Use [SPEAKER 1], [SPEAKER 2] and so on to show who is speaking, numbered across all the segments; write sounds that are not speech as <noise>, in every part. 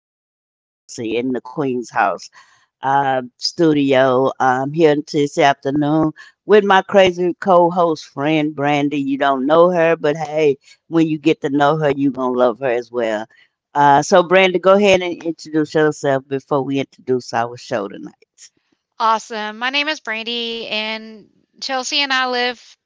[SPEAKER 1] that this is Chelsea in the Queen's House studio. I'm here this afternoon with my crazy co-host friend Brandy. You don't know her, but hey, when you get to know her, you're gonna love her as well. So Brandy, go ahead and introduce yourself before we introduce our show tonight.
[SPEAKER 2] Awesome. My name is Brandy, and Chelsea and I live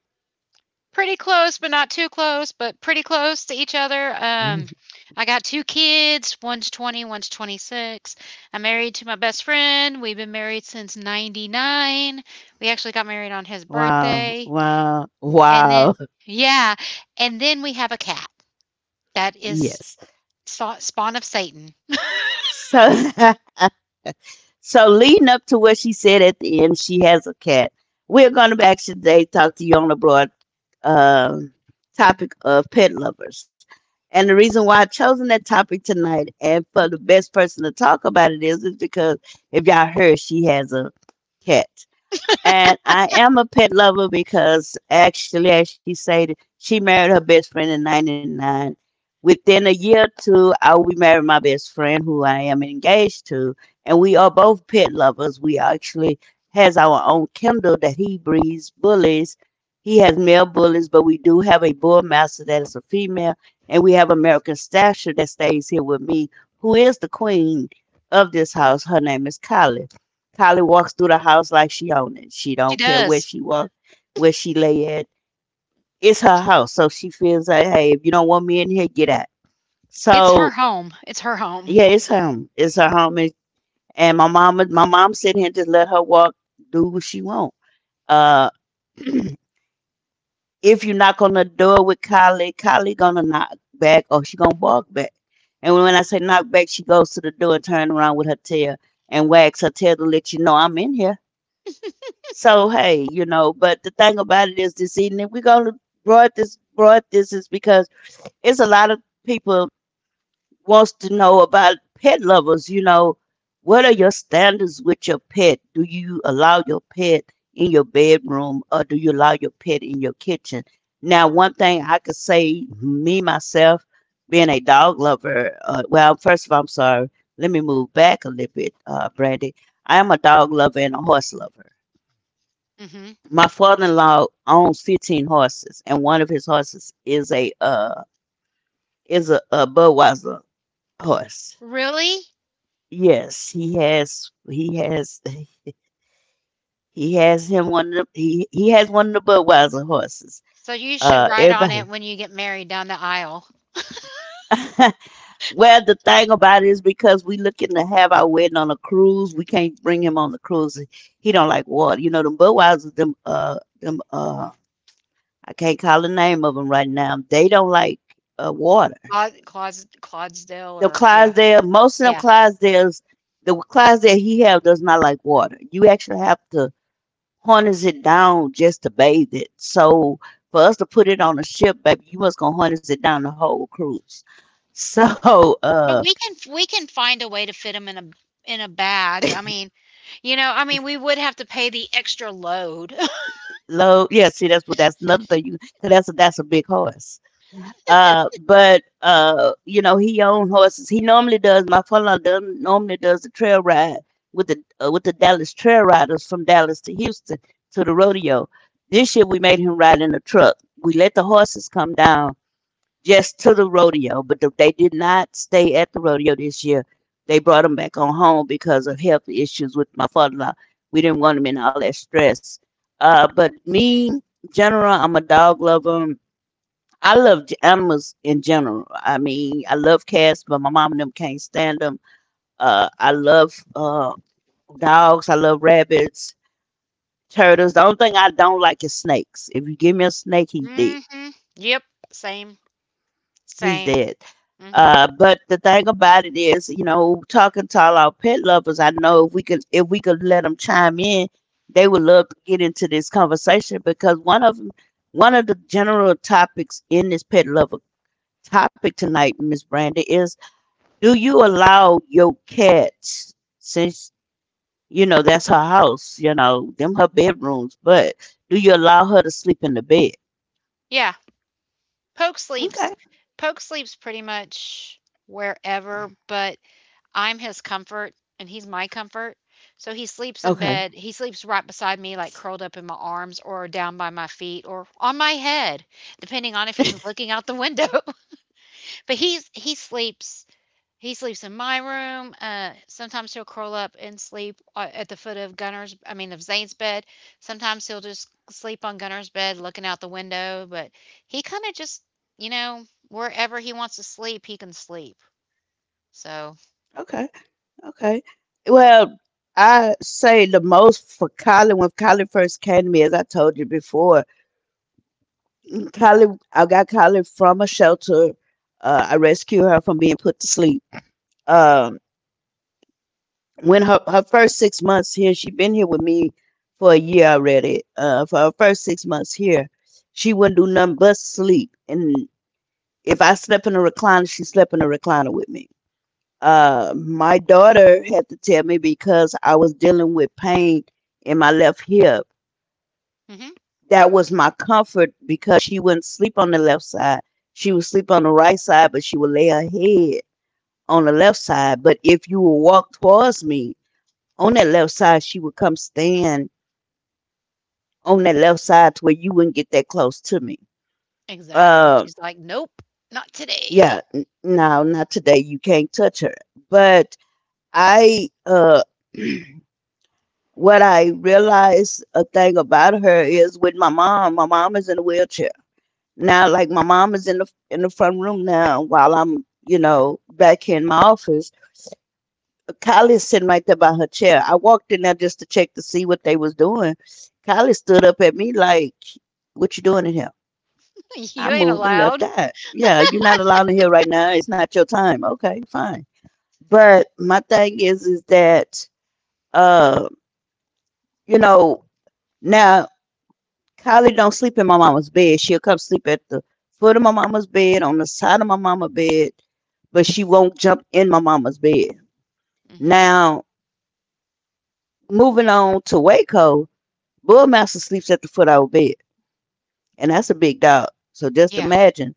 [SPEAKER 2] pretty close, but not too close, but pretty close to each other.
[SPEAKER 1] <laughs>
[SPEAKER 2] I got two kids. One's 20, one's twenty-six. I'm married to my best friend. We've been married since 99. We actually got married on his
[SPEAKER 1] Wow,
[SPEAKER 2] birthday.
[SPEAKER 1] wow,
[SPEAKER 2] And then,
[SPEAKER 1] wow.
[SPEAKER 2] yeah. And then we have a cat that
[SPEAKER 1] <laughs>
[SPEAKER 2] is
[SPEAKER 1] Yes.
[SPEAKER 2] spawn of Satan. <laughs>
[SPEAKER 1] So <laughs> So leading up to what she said at the end, she has a cat. We're going to back today talk to you on the broad uh, topic of pet lovers. And the reason why I've chosen that topic tonight and for the best person to talk about it is because if y'all heard, she has a cat. And I am a pet lover because actually, as she said, she married her best friend in 99. Within a year or two, I will be married my best friend, who I am engaged to, and we are both pet lovers. We actually has our own kennel that he breeds bullies. He has male bullies, but we do have a bull master that is a female, and we have American Stasher that stays here with me, who is the queen of this house. Her name is Collie. Collie walks through the house like she own it. She
[SPEAKER 2] She
[SPEAKER 1] don't care where
[SPEAKER 2] does.
[SPEAKER 1] she walks, where she lay at. It's her house, so she feels like, hey, if you don't want me in here, get out.
[SPEAKER 2] It's her
[SPEAKER 1] So
[SPEAKER 2] home. It's her home.
[SPEAKER 1] yeah, it's home. It's her home, and my mom sitting here just let her walk, do what she want. Uh, if you knock on the door with Kylie, Kylie gonna knock back, or she gonna bark back. And when I say knock back, she goes to the door and turn around with her tail and wags her tail to let you know I'm in here. So hey, you know. But the thing about it is, this evening we gonna brought this is because it's a lot of people wants to know about pet lovers. You know, what are your standards with your pet? Do you allow your pet in your bedroom or do you allow your pet in your kitchen? Now, one thing I could say, me myself, being a dog lover, well, first of all, I'm sorry. Let me move back a little bit, Brandy. I am a dog lover and a horse lover.
[SPEAKER 2] hmm
[SPEAKER 1] My father-in-law owns 15 horses, and one of his horses is a Budweiser horse.
[SPEAKER 2] Really?
[SPEAKER 1] Yes, he has. He has. He has him one of the. He has one of the Budweiser horses.
[SPEAKER 2] So you should write on it
[SPEAKER 1] Everybody.
[SPEAKER 2] when you get married down the aisle.
[SPEAKER 1] <laughs> Well, the thing about it is because we looking to have our wedding on a cruise, we can't bring him on the cruise. He don't like water. You know them Budweiser. Them them. I can't call the name of them right now. They don't like water.
[SPEAKER 2] Cla Claus Clydesdale
[SPEAKER 1] The
[SPEAKER 2] or yeah.
[SPEAKER 1] Clydesdale. Most of them
[SPEAKER 2] Yeah.
[SPEAKER 1] Clydesdales. The Clydesdale he have does not like water. You actually have to harness it down just to bathe it. So for us to put it on a ship, baby, you must gonna harness it down the whole cruise. <laughs> So
[SPEAKER 2] But
[SPEAKER 1] uh
[SPEAKER 2] we can find a way to fit them in a bag. I mean, you know, I mean, we would have to pay the extra load. <laughs>
[SPEAKER 1] low, yeah, see that's what that's another thing you Cause that's a big horse. Uh but you know he own horses. He normally does My father does normally does the trail ride with the Dallas trail riders from Dallas to Houston to the rodeo. This year we made him ride in a truck. We let the horses come down just to the rodeo, but they did not stay at the rodeo this year. They brought him back on home because of health issues with my father-in-law. We didn't want him in all that stress. But me, general, I'm a dog lover. I love animals in general. I mean, I love cats, but my mom and them can't stand them. I love dogs. I love rabbits, turtles. The only thing I don't like is snakes. If you give me a snake, he's dead.
[SPEAKER 2] Mhm. Yep. Same.
[SPEAKER 1] He's
[SPEAKER 2] Same.
[SPEAKER 1] dead.
[SPEAKER 2] Mhm.
[SPEAKER 1] But the thing about it is, you know, talking to all our pet lovers, I know if we could let them chime in, they would love to get into this conversation because one of the general topics in this pet lover topic tonight, Miss Brandy, is do you allow your cats since you know that's her house, you know, them her bedrooms, but do you allow her to sleep in the bed?
[SPEAKER 2] Yeah. Poke sleeps
[SPEAKER 1] Okay,
[SPEAKER 2] Poke sleeps pretty much wherever, but I'm his comfort and he's my comfort. So he sleeps in
[SPEAKER 1] okay,
[SPEAKER 2] bed. He sleeps right beside me, like curled up in my arms or down by my feet or on my head, depending on if he's looking out the window. <laughs> but he's he sleeps in my room. Sometimes he'll curl up and sleep at the foot of Gunner's. I mean of Zane's bed. Sometimes he'll just sleep on Gunner's bed, looking out the window. But he kind of just, you know, wherever he wants to sleep, he can sleep. So.
[SPEAKER 1] okay. Okay. Well, I say the most for Colin when Colin first came to me, as I told you before. Colin, I got Colin from a shelter. I rescued her from being put to sleep. Um, when her first 6 months here, she'd been here with me for a year already. For her first 6 months here, she wouldn't do nothing but sleep, and if I slept in a recliner, she slept in a recliner with me. My daughter had to tell me because I was dealing with pain in my left hip.
[SPEAKER 2] Mhm.
[SPEAKER 1] That was my comfort because she wouldn't sleep on the left side. She would sleep on the right side, but she would lay her head on the left side. But if you would walk towards me on that left side, she would come stand on that left side to where you wouldn't get that close to me.
[SPEAKER 2] Exactly,
[SPEAKER 1] Uh,
[SPEAKER 2] she's like, "Nope, not
[SPEAKER 1] yeah,
[SPEAKER 2] today. <laughs>
[SPEAKER 1] no, not today. You can't touch her. But I, uh, <clears throat> What I realized a thing about her is with my mom. My mom is in a wheelchair now. Like my mom is in the front room now, while I'm you know back here in my office. Kylie's sitting right there by her chair. I walked in there just to check to see what they was doing. Kylie stood up at me like, "What you doing in here?" I
[SPEAKER 2] You ain't
[SPEAKER 1] moved and left
[SPEAKER 2] allowed."
[SPEAKER 1] that. Yeah, you're not allowed in here right now. It's not your time. Okay, fine. But my thing is that uh, you know now Kylie don't sleep in my mama's bed. She'll come sleep at the foot of my mama's bed, on the side of my mama's bed, but she won't jump in my mama's bed.
[SPEAKER 2] Mhm.
[SPEAKER 1] Now, moving on to Waco, Bullmaster sleeps at the foot of our bed, and that's a big dog. So just
[SPEAKER 2] Yeah.
[SPEAKER 1] imagine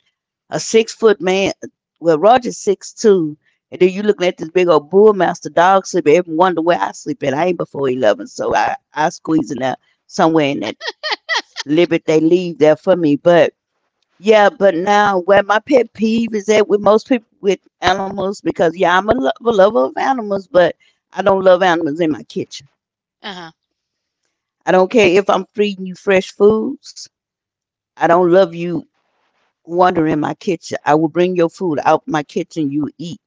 [SPEAKER 1] a 6 foot man. Well, Roger's 6'2", and then you looking at this big old Bullmaster dog sleeping. Everyone wonder where I sleep at. I ain't before 11, so I squeeze in there somewhere in that little bit they leave there for me, but yeah, but now where my pet peeve is at with most people with animals, because yeah, I'm a lover of animals, but I don't love animals in my kitchen.
[SPEAKER 2] Uh-huh.
[SPEAKER 1] I don't care if I'm feeding you fresh foods. I don't love you wandering in my kitchen. I will bring your food out my kitchen. You eat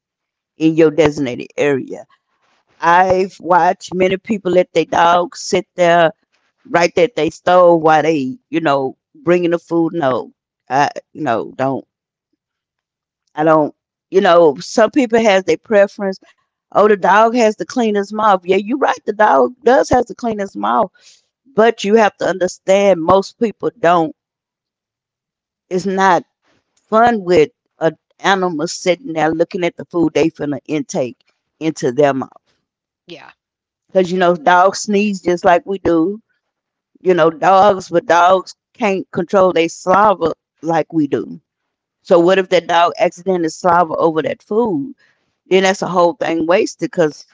[SPEAKER 1] in your designated area. I've watched many people let their dogs sit there right at their stove while they, you know, bringing the food. No, I no don't. I don't, you know, some people has their preference. Oh, the dog has the cleanest mouth. Yeah, you're right. The dog does has the cleanest mouth, but you have to understand most people don't. It's not fun with a animal sitting there looking at the food they finna intake into their mouth.
[SPEAKER 2] Yeah.
[SPEAKER 1] Cause you know, dogs sneeze just like we do. You know, dogs, but dogs can't control their saliva like we do. So what if that dog accidentally saliva over that food? Then that's a whole thing wasted. Cause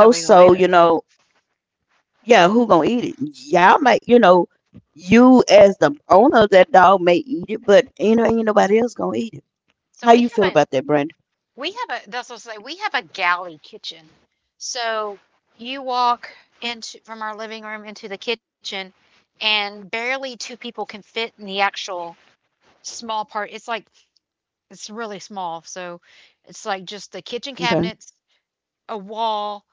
[SPEAKER 2] No, we
[SPEAKER 1] most
[SPEAKER 2] gonna eat
[SPEAKER 1] so,
[SPEAKER 2] it.
[SPEAKER 1] you know, yeah, who gonna eat it? Y'all might, you know, you as the owner of that dog may eat it, but you know, ain't nobody else gonna eat it. How
[SPEAKER 2] So
[SPEAKER 1] you
[SPEAKER 2] we
[SPEAKER 1] feel
[SPEAKER 2] have a
[SPEAKER 1] about that, Brandon?
[SPEAKER 2] we have a, that's what I was saying, we have a galley kitchen. So you walk into, from our living room into the kitchen, and barely 2 people can fit in the actual small part. It's like it's really small, so it's like just the kitchen
[SPEAKER 1] Okay.
[SPEAKER 2] cabinets, a wall,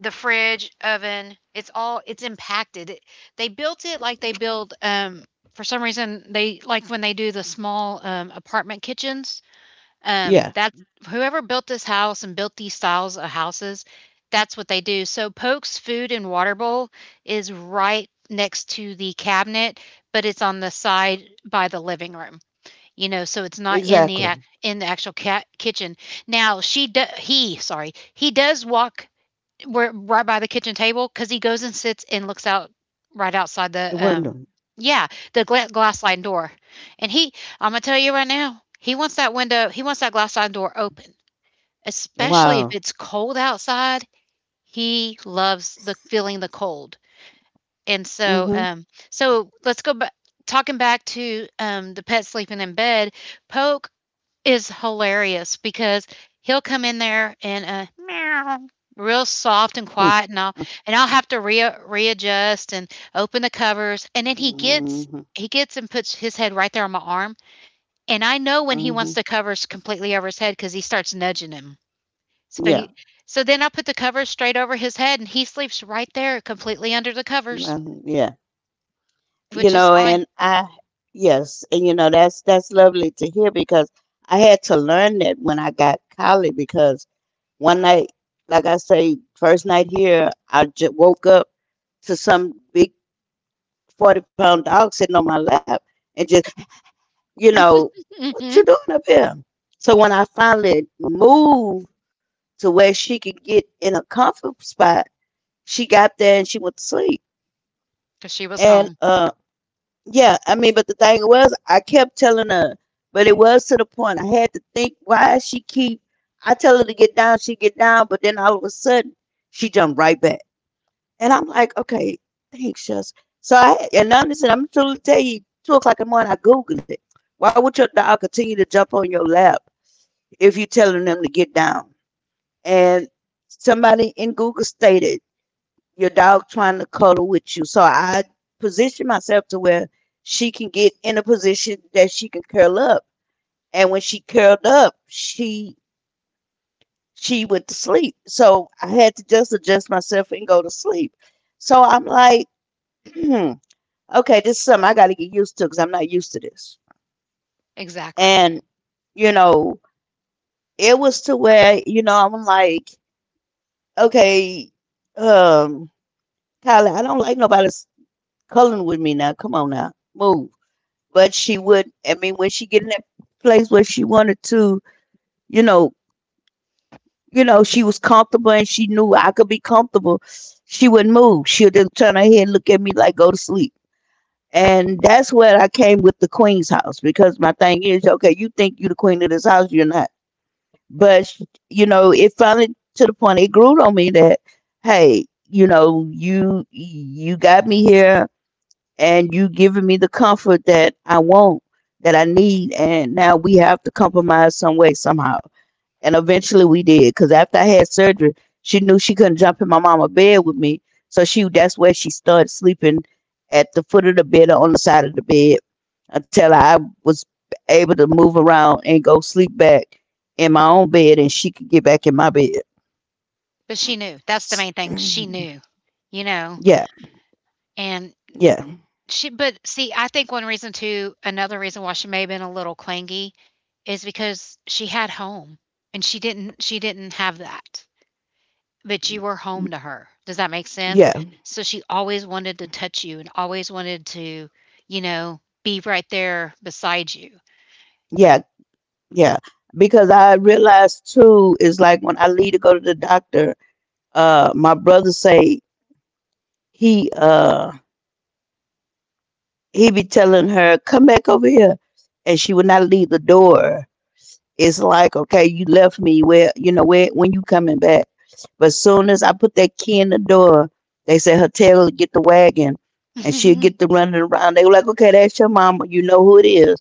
[SPEAKER 2] the fridge, oven. It's impacted. They built it like they build. For some reason, they like when they do the small apartment kitchens.
[SPEAKER 1] Yeah,
[SPEAKER 2] That's whoever built this house and built these styles of houses. That's what they do. So Polk's food and water bowl is right next to the cabinet, but it's on the side by the living room. You know, so it's not in the
[SPEAKER 1] exactly.
[SPEAKER 2] in the actual kitchen. Now she do- he sorry he does walk, we're right by the kitchen table because he goes and sits and looks out right outside the
[SPEAKER 1] The window.
[SPEAKER 2] yeah, the glass sliding door, and he I'm gonna tell you right now, he wants that glass sliding door open, especially if
[SPEAKER 1] Wow.
[SPEAKER 2] it's cold outside. He loves the feeling, the cold. And so,
[SPEAKER 1] Mm-hmm.
[SPEAKER 2] so let's go back. Talking back to the pet sleeping in bed, Poke is hilarious because he'll come in there and meow real soft and
[SPEAKER 1] Hmm.
[SPEAKER 2] quiet, and I'll have to readjust and open the covers, and then
[SPEAKER 1] Mm-hmm.
[SPEAKER 2] he gets and puts his head right there on my arm, and I know when he wants
[SPEAKER 1] Mm-hmm.
[SPEAKER 2] the covers completely over his head because he starts nudging him. So he,
[SPEAKER 1] Yeah.
[SPEAKER 2] so then I put the covers straight over his head, and he sleeps right there, completely under the covers,
[SPEAKER 1] Mhm. Yeah. You
[SPEAKER 2] which is
[SPEAKER 1] know,
[SPEAKER 2] fine.
[SPEAKER 1] and I, yes, and you know that's lovely to hear because I had to learn that when I got college because one night, like I say, first night here, I just woke up to some big 40 pound dog sitting on my lap and just, you know,
[SPEAKER 2] Mm-hmm.
[SPEAKER 1] what you
[SPEAKER 2] Because
[SPEAKER 1] doing up here. So when I finally moved to where she could get in a comfort spot, she got there and she went to sleep.
[SPEAKER 2] she was
[SPEAKER 1] And
[SPEAKER 2] home.
[SPEAKER 1] uh, yeah, I mean, but the thing was, I kept telling her, but it was to the point I had to think why she keep. I tell her to get down, she get down, but then all of a sudden she jumped right back, and I'm like, okay, thanks, just so I and understand. I'm trying to tell you, 2 o'clock in the morning, I googled it. Why would your dog continue to jump on your lap if you telling them to get down? And somebody in Google stated your dog trying to cuddle with you. So I position myself to where she can get in a position that she can curl up. And when she curled up, she went to sleep. So I had to just adjust myself and go to sleep. So I'm like, <clears throat> hmm, okay, this is something I got to get used to because I'm not used to this.
[SPEAKER 2] Exactly.
[SPEAKER 1] And you know, it was to where you know I'm like, okay, um, Kylie, I don't like nobody that's cuddling with me now. Come on now, move but she would. I mean, when she get in that place where she wanted to, you know, she was comfortable and she knew I could be comfortable. She wouldn't move. She would just turn her head, and look at me like go to sleep. And that's where I came with the queen's house because my thing is, okay, you think you the queen of this house, you're not. But you know, it finally to the point it grew on me that, hey, you know, you got me here and you giving me the comfort that I want, that I need, and now we have to compromise some way somehow. And eventually we did, because after I had surgery, she knew she couldn't jump in my mama bed with me, so she that's where she started sleeping at the foot of the bed or on the side of the bed until I was able to move around and go sleep back in my own bed, and she could get back in my bed.
[SPEAKER 2] But she knew. That's the
[SPEAKER 1] S-
[SPEAKER 2] main
[SPEAKER 1] <clears throat>
[SPEAKER 2] thing, she knew, you know,
[SPEAKER 1] Yeah,
[SPEAKER 2] and
[SPEAKER 1] yeah,
[SPEAKER 2] she but see, I think one reason too, another reason why she may have been a little clingy is because she had home, and she didn't have that, but you were home to her. Does that make sense?
[SPEAKER 1] yeah,
[SPEAKER 2] So she always wanted to touch you and always wanted to, you know, be right there beside you.
[SPEAKER 1] yeah. Yeah, because I realized too is like when I leave to go to the doctor, my brother say he uh he be telling her come back over here, and she would not leave the door. It's like okay, you left me where you know where when you coming back, but soon as I put that key in the door, they said her tail will get the wagon, and she'll get to
[SPEAKER 2] <laughs>
[SPEAKER 1] running around. They were like, okay, that's your mama, you know who it is.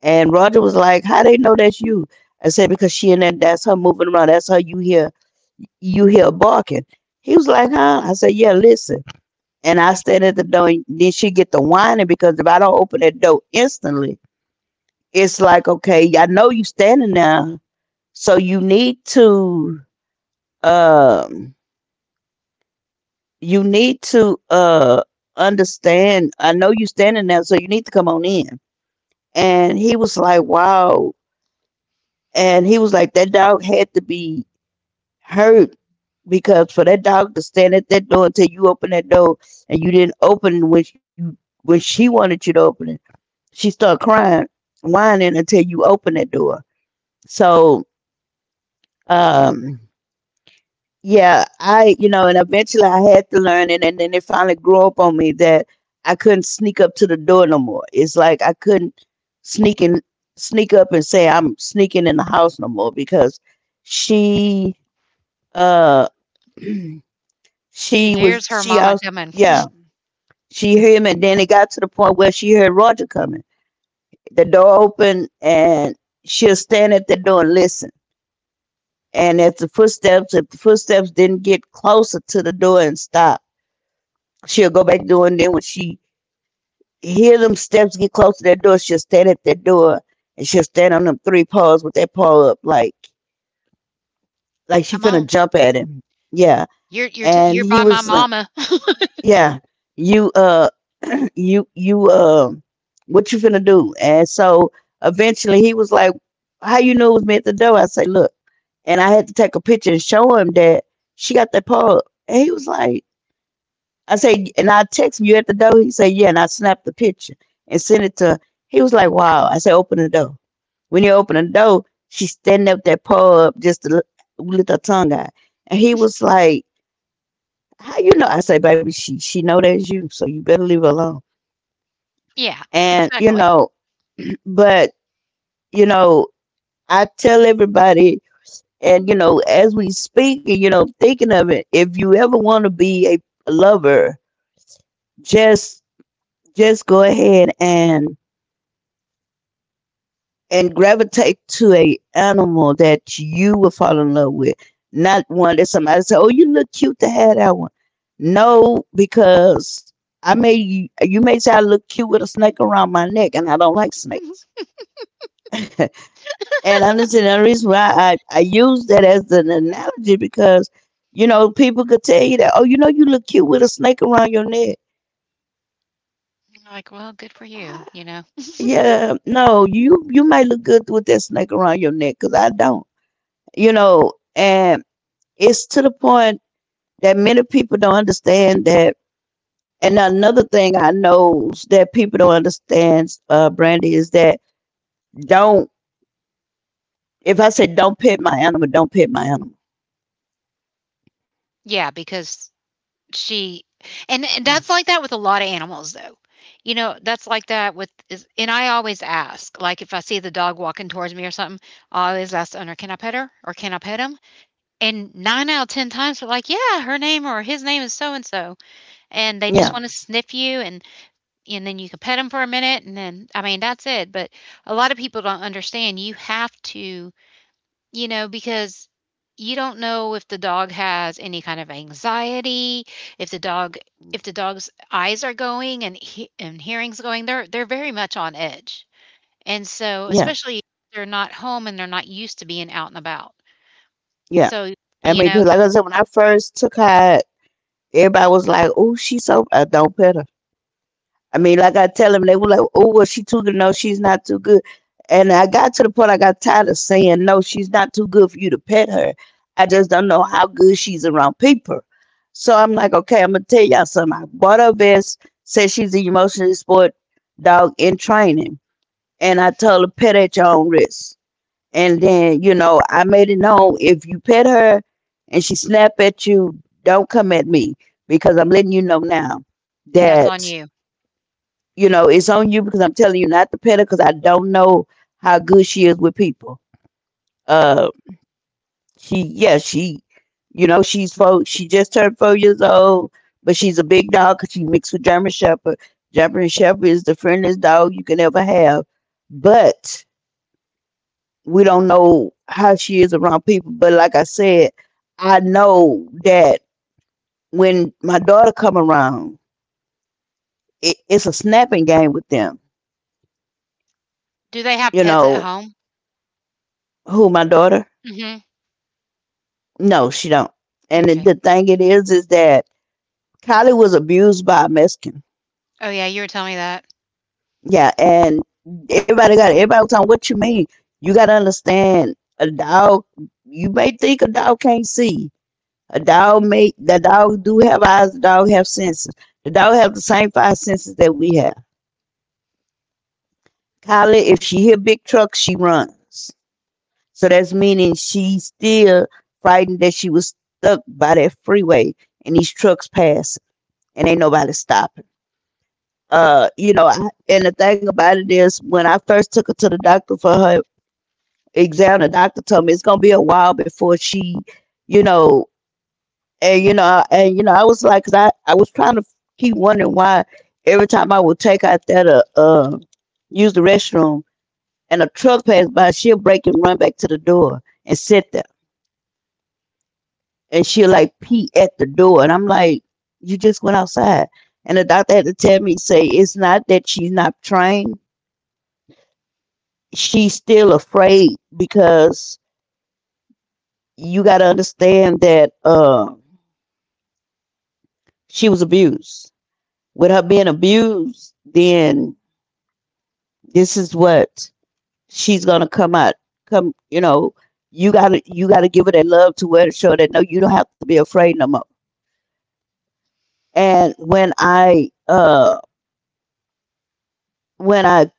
[SPEAKER 1] And Roger was like, how they know that's you? I said because she in there, that's her moving around, that's how you here you hear barking. He was like, huh? I said, yeah, listen. And I stand at the door, and then she get the whining because if I don't open that door instantly, it's like, okay, I know you standing there, so you need to, um, you need to understand. I know you standing there, so you need to come on in. And he was like, wow. And he was like, that dog had to be hurt because for that dog to stand at that door until you open that door and you didn't open when you when she wanted you to open it, she started crying, whining until you open that door. So um, yeah, I you know, and eventually I had to learn, and then it finally grew up on me that I couldn't sneak up to the door no more. It's like I couldn't sneak and sneak up and say I'm sneaking in the house no more because she uh <clears throat>
[SPEAKER 2] She
[SPEAKER 1] She
[SPEAKER 2] hears
[SPEAKER 1] was
[SPEAKER 2] her
[SPEAKER 1] she
[SPEAKER 2] mama
[SPEAKER 1] out
[SPEAKER 2] coming.
[SPEAKER 1] yeah. She heard him and then it got to the point where she heard Roger coming. The door opened and she'll stand at that door and listen. And if the footsteps didn't get closer to the door and stop, she'll go back door and then when she hear them steps get close to that door, she'll stand at that door and she'll stand on them three paws with that paw up like she
[SPEAKER 2] "Come on.
[SPEAKER 1] finna jump at him. Yeah.
[SPEAKER 2] You're
[SPEAKER 1] And
[SPEAKER 2] by
[SPEAKER 1] he
[SPEAKER 2] my
[SPEAKER 1] was like,
[SPEAKER 2] mama."
[SPEAKER 1] yeah, you uh you what you finna do and so eventually he was like how you knew it was me at the door. I say look, and I had to take a picture and show him that she got that pole. And he was like, I say, and I text him, you at the door? He said yeah, and I snapped the picture and sent it to. He was like, wow. I said open the door. When he opened the door, she standing up that pole up just to let her tongue out. And he was like, how you know? I say baby, she know that's you so you better leave her alone.
[SPEAKER 2] Yeah,
[SPEAKER 1] And you
[SPEAKER 2] exactly.
[SPEAKER 1] know, but you know, I tell everybody, and you know, as we speak, you know, thinking of it, if you ever want to be a lover, just just go ahead and gravitate to a animal that you will fall in love with, not one that somebody say, "Oh, you look cute to have that one." No, because I may you may say I look cute with a snake around my neck, and I don't like snakes. <laughs> And I'm the reason why I use that as an analogy because, you know, people could tell you that, oh, you know, you look cute with a snake around your neck.
[SPEAKER 2] Like, well, good for you, you know?
[SPEAKER 1] Yeah, no, you might look good with that snake around your neck because I don't. You know, and it's to the point that many people don't understand that. And another thing I know that people don't understand, Brandy, is that don't, if I say don't pet my animal, don't pet my animal.
[SPEAKER 2] Yeah, because she and that's like that with a lot of animals though. You know, that's like that with is and I always ask, like if I see the dog walking towards me or something, I always ask the owner, can I pet her? Or can I pet him? And nine out of ten times they're like, yeah, her name or his name is so and so, and they just
[SPEAKER 1] Yeah,
[SPEAKER 2] want to sniff you, and then you can pet them for a minute, and then, I mean, that's it. But a lot of people don't understand, you have to, you know, because you don't know if the dog has any kind of anxiety, if the dog if the dog's eyes are going, and he, and hearing's going, they're very much on edge. And so,
[SPEAKER 1] yeah,
[SPEAKER 2] especially if they're not home and they're not used to being out and about.
[SPEAKER 1] yeah.
[SPEAKER 2] So,
[SPEAKER 1] I
[SPEAKER 2] you
[SPEAKER 1] mean,
[SPEAKER 2] know,
[SPEAKER 1] because like I said, when I first took her, everybody was like, "Oh, she's so I don't pet her." I mean, like I tell them, they were like, "Oh, well, she too good. No, she's not too good." And I got to the point I got tired of saying, "No, she's not too good for you to pet her." I just don't know how good she's around people. So I'm like, okay, I'm gonna tell y'all something. I bought her a vest. Said she's an emotionally support dog in training, and I told her pet at your own risk. And then, you know, I made it known if you pet her and she snap at you, don't come at me because I'm letting you know now
[SPEAKER 2] and that's on
[SPEAKER 1] that,
[SPEAKER 2] you.
[SPEAKER 1] you know, it's on you because I'm telling you not to pet her because I don't know how good she is with people. Uh, she, yeah, she, you know, she's four, she just turned 4 years old, but she's a big dog 'cause she mixed with German Shepherd. German Shepherd is the friendliest dog you can ever have. But we don't know how she is around people but like I said I know that when my daughter come around it's a snapping game with them.
[SPEAKER 2] Do they have
[SPEAKER 1] You
[SPEAKER 2] pets at
[SPEAKER 1] know
[SPEAKER 2] home?
[SPEAKER 1] who my daughter?
[SPEAKER 2] Mhm.
[SPEAKER 1] No, she don't. And
[SPEAKER 2] Okay.
[SPEAKER 1] the thing it is that Kylie was abused by a Mexican.
[SPEAKER 2] Oh yeah, you were telling me that.
[SPEAKER 1] Yeah, and everybody got everybody was on what you mean. You got to understand a dog, you may think a dog can't see. A dog may the dog do have eyes, the dog have senses. The dog have the same five senses that we have. Kylie, if she hear big trucks, she runs. So that's meaning she's still frightened that she was stuck by that freeway and these trucks passing and ain't nobody stopping. You know, I, and the thing about it is when I first took her to the doctor for her exam, the doctor told me it's gonna be a while before she, you know, and you know, I- and you know, I was like, 'cause I was trying to keep wondering why every time I would take out that use the restroom and a truck passed by, she'll break and run back to the door and sit there, and she'll like pee at the door, and I'm like, you just went outside, and the doctor had to tell me, say it's not that she's not trained, she's still afraid because you got to understand that she was abused. With her being abused, then this is what she's gonna come out come you know you gotta give her that love to where, to show that, no, you don't have to be afraid no more. And when I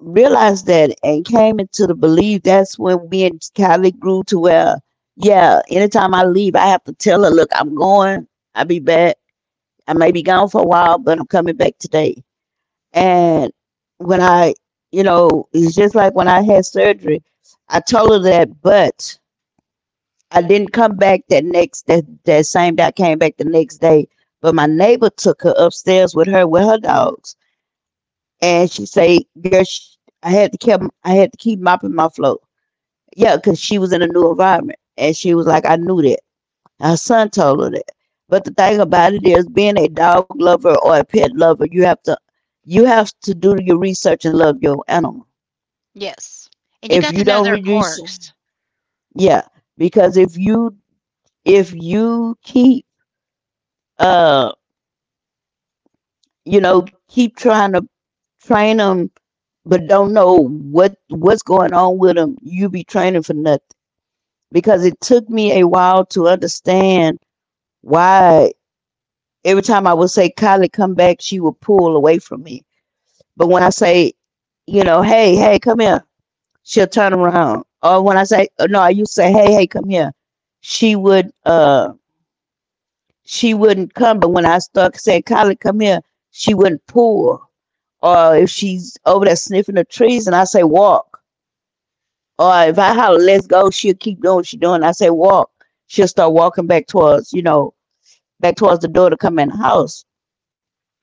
[SPEAKER 1] realized that and came into the belief, that's when me and kylie grew to where, yeah, anytime I leave I have to tell her, look, I'm going, I'll be back, I may be gone for a while but I'm coming back today. And when I you know it's just like when I had surgery. I told her that, but I didn't come back that same day. I came back the next day, but my neighbor took her upstairs with her dogs, and she said, "Girl, sh I had to keep mopping my floor, yeah, because she was in a new environment," and she was like, I knew that. Her son told her that. But the thing about it is, being a dog lover or a pet lover, you have to do your research and love your animal.
[SPEAKER 2] Yes. And you got to
[SPEAKER 1] If
[SPEAKER 2] know
[SPEAKER 1] you
[SPEAKER 2] their
[SPEAKER 1] don't reduce,
[SPEAKER 2] quirks.
[SPEAKER 1] yeah, because if you keep um keep trying to train them, but don't know what's going on with them. You be training for nothing because it took me a while to understand why. Every time I would say, "Kylie, come back," she would pull away from me. But when I say, "Hey, hey, come here," she'll turn around. Or when I say, "No." I used to say, "Hey, hey, come here," she would uh she wouldn't come. But when I start saying, "Kylie, come here," she wouldn't pull. Or if she's over there sniffing the trees and I say walk. Or if I holler, let's go, she'll keep doing what she's doing. I say walk. She'll start walking back towards the door to come in the house,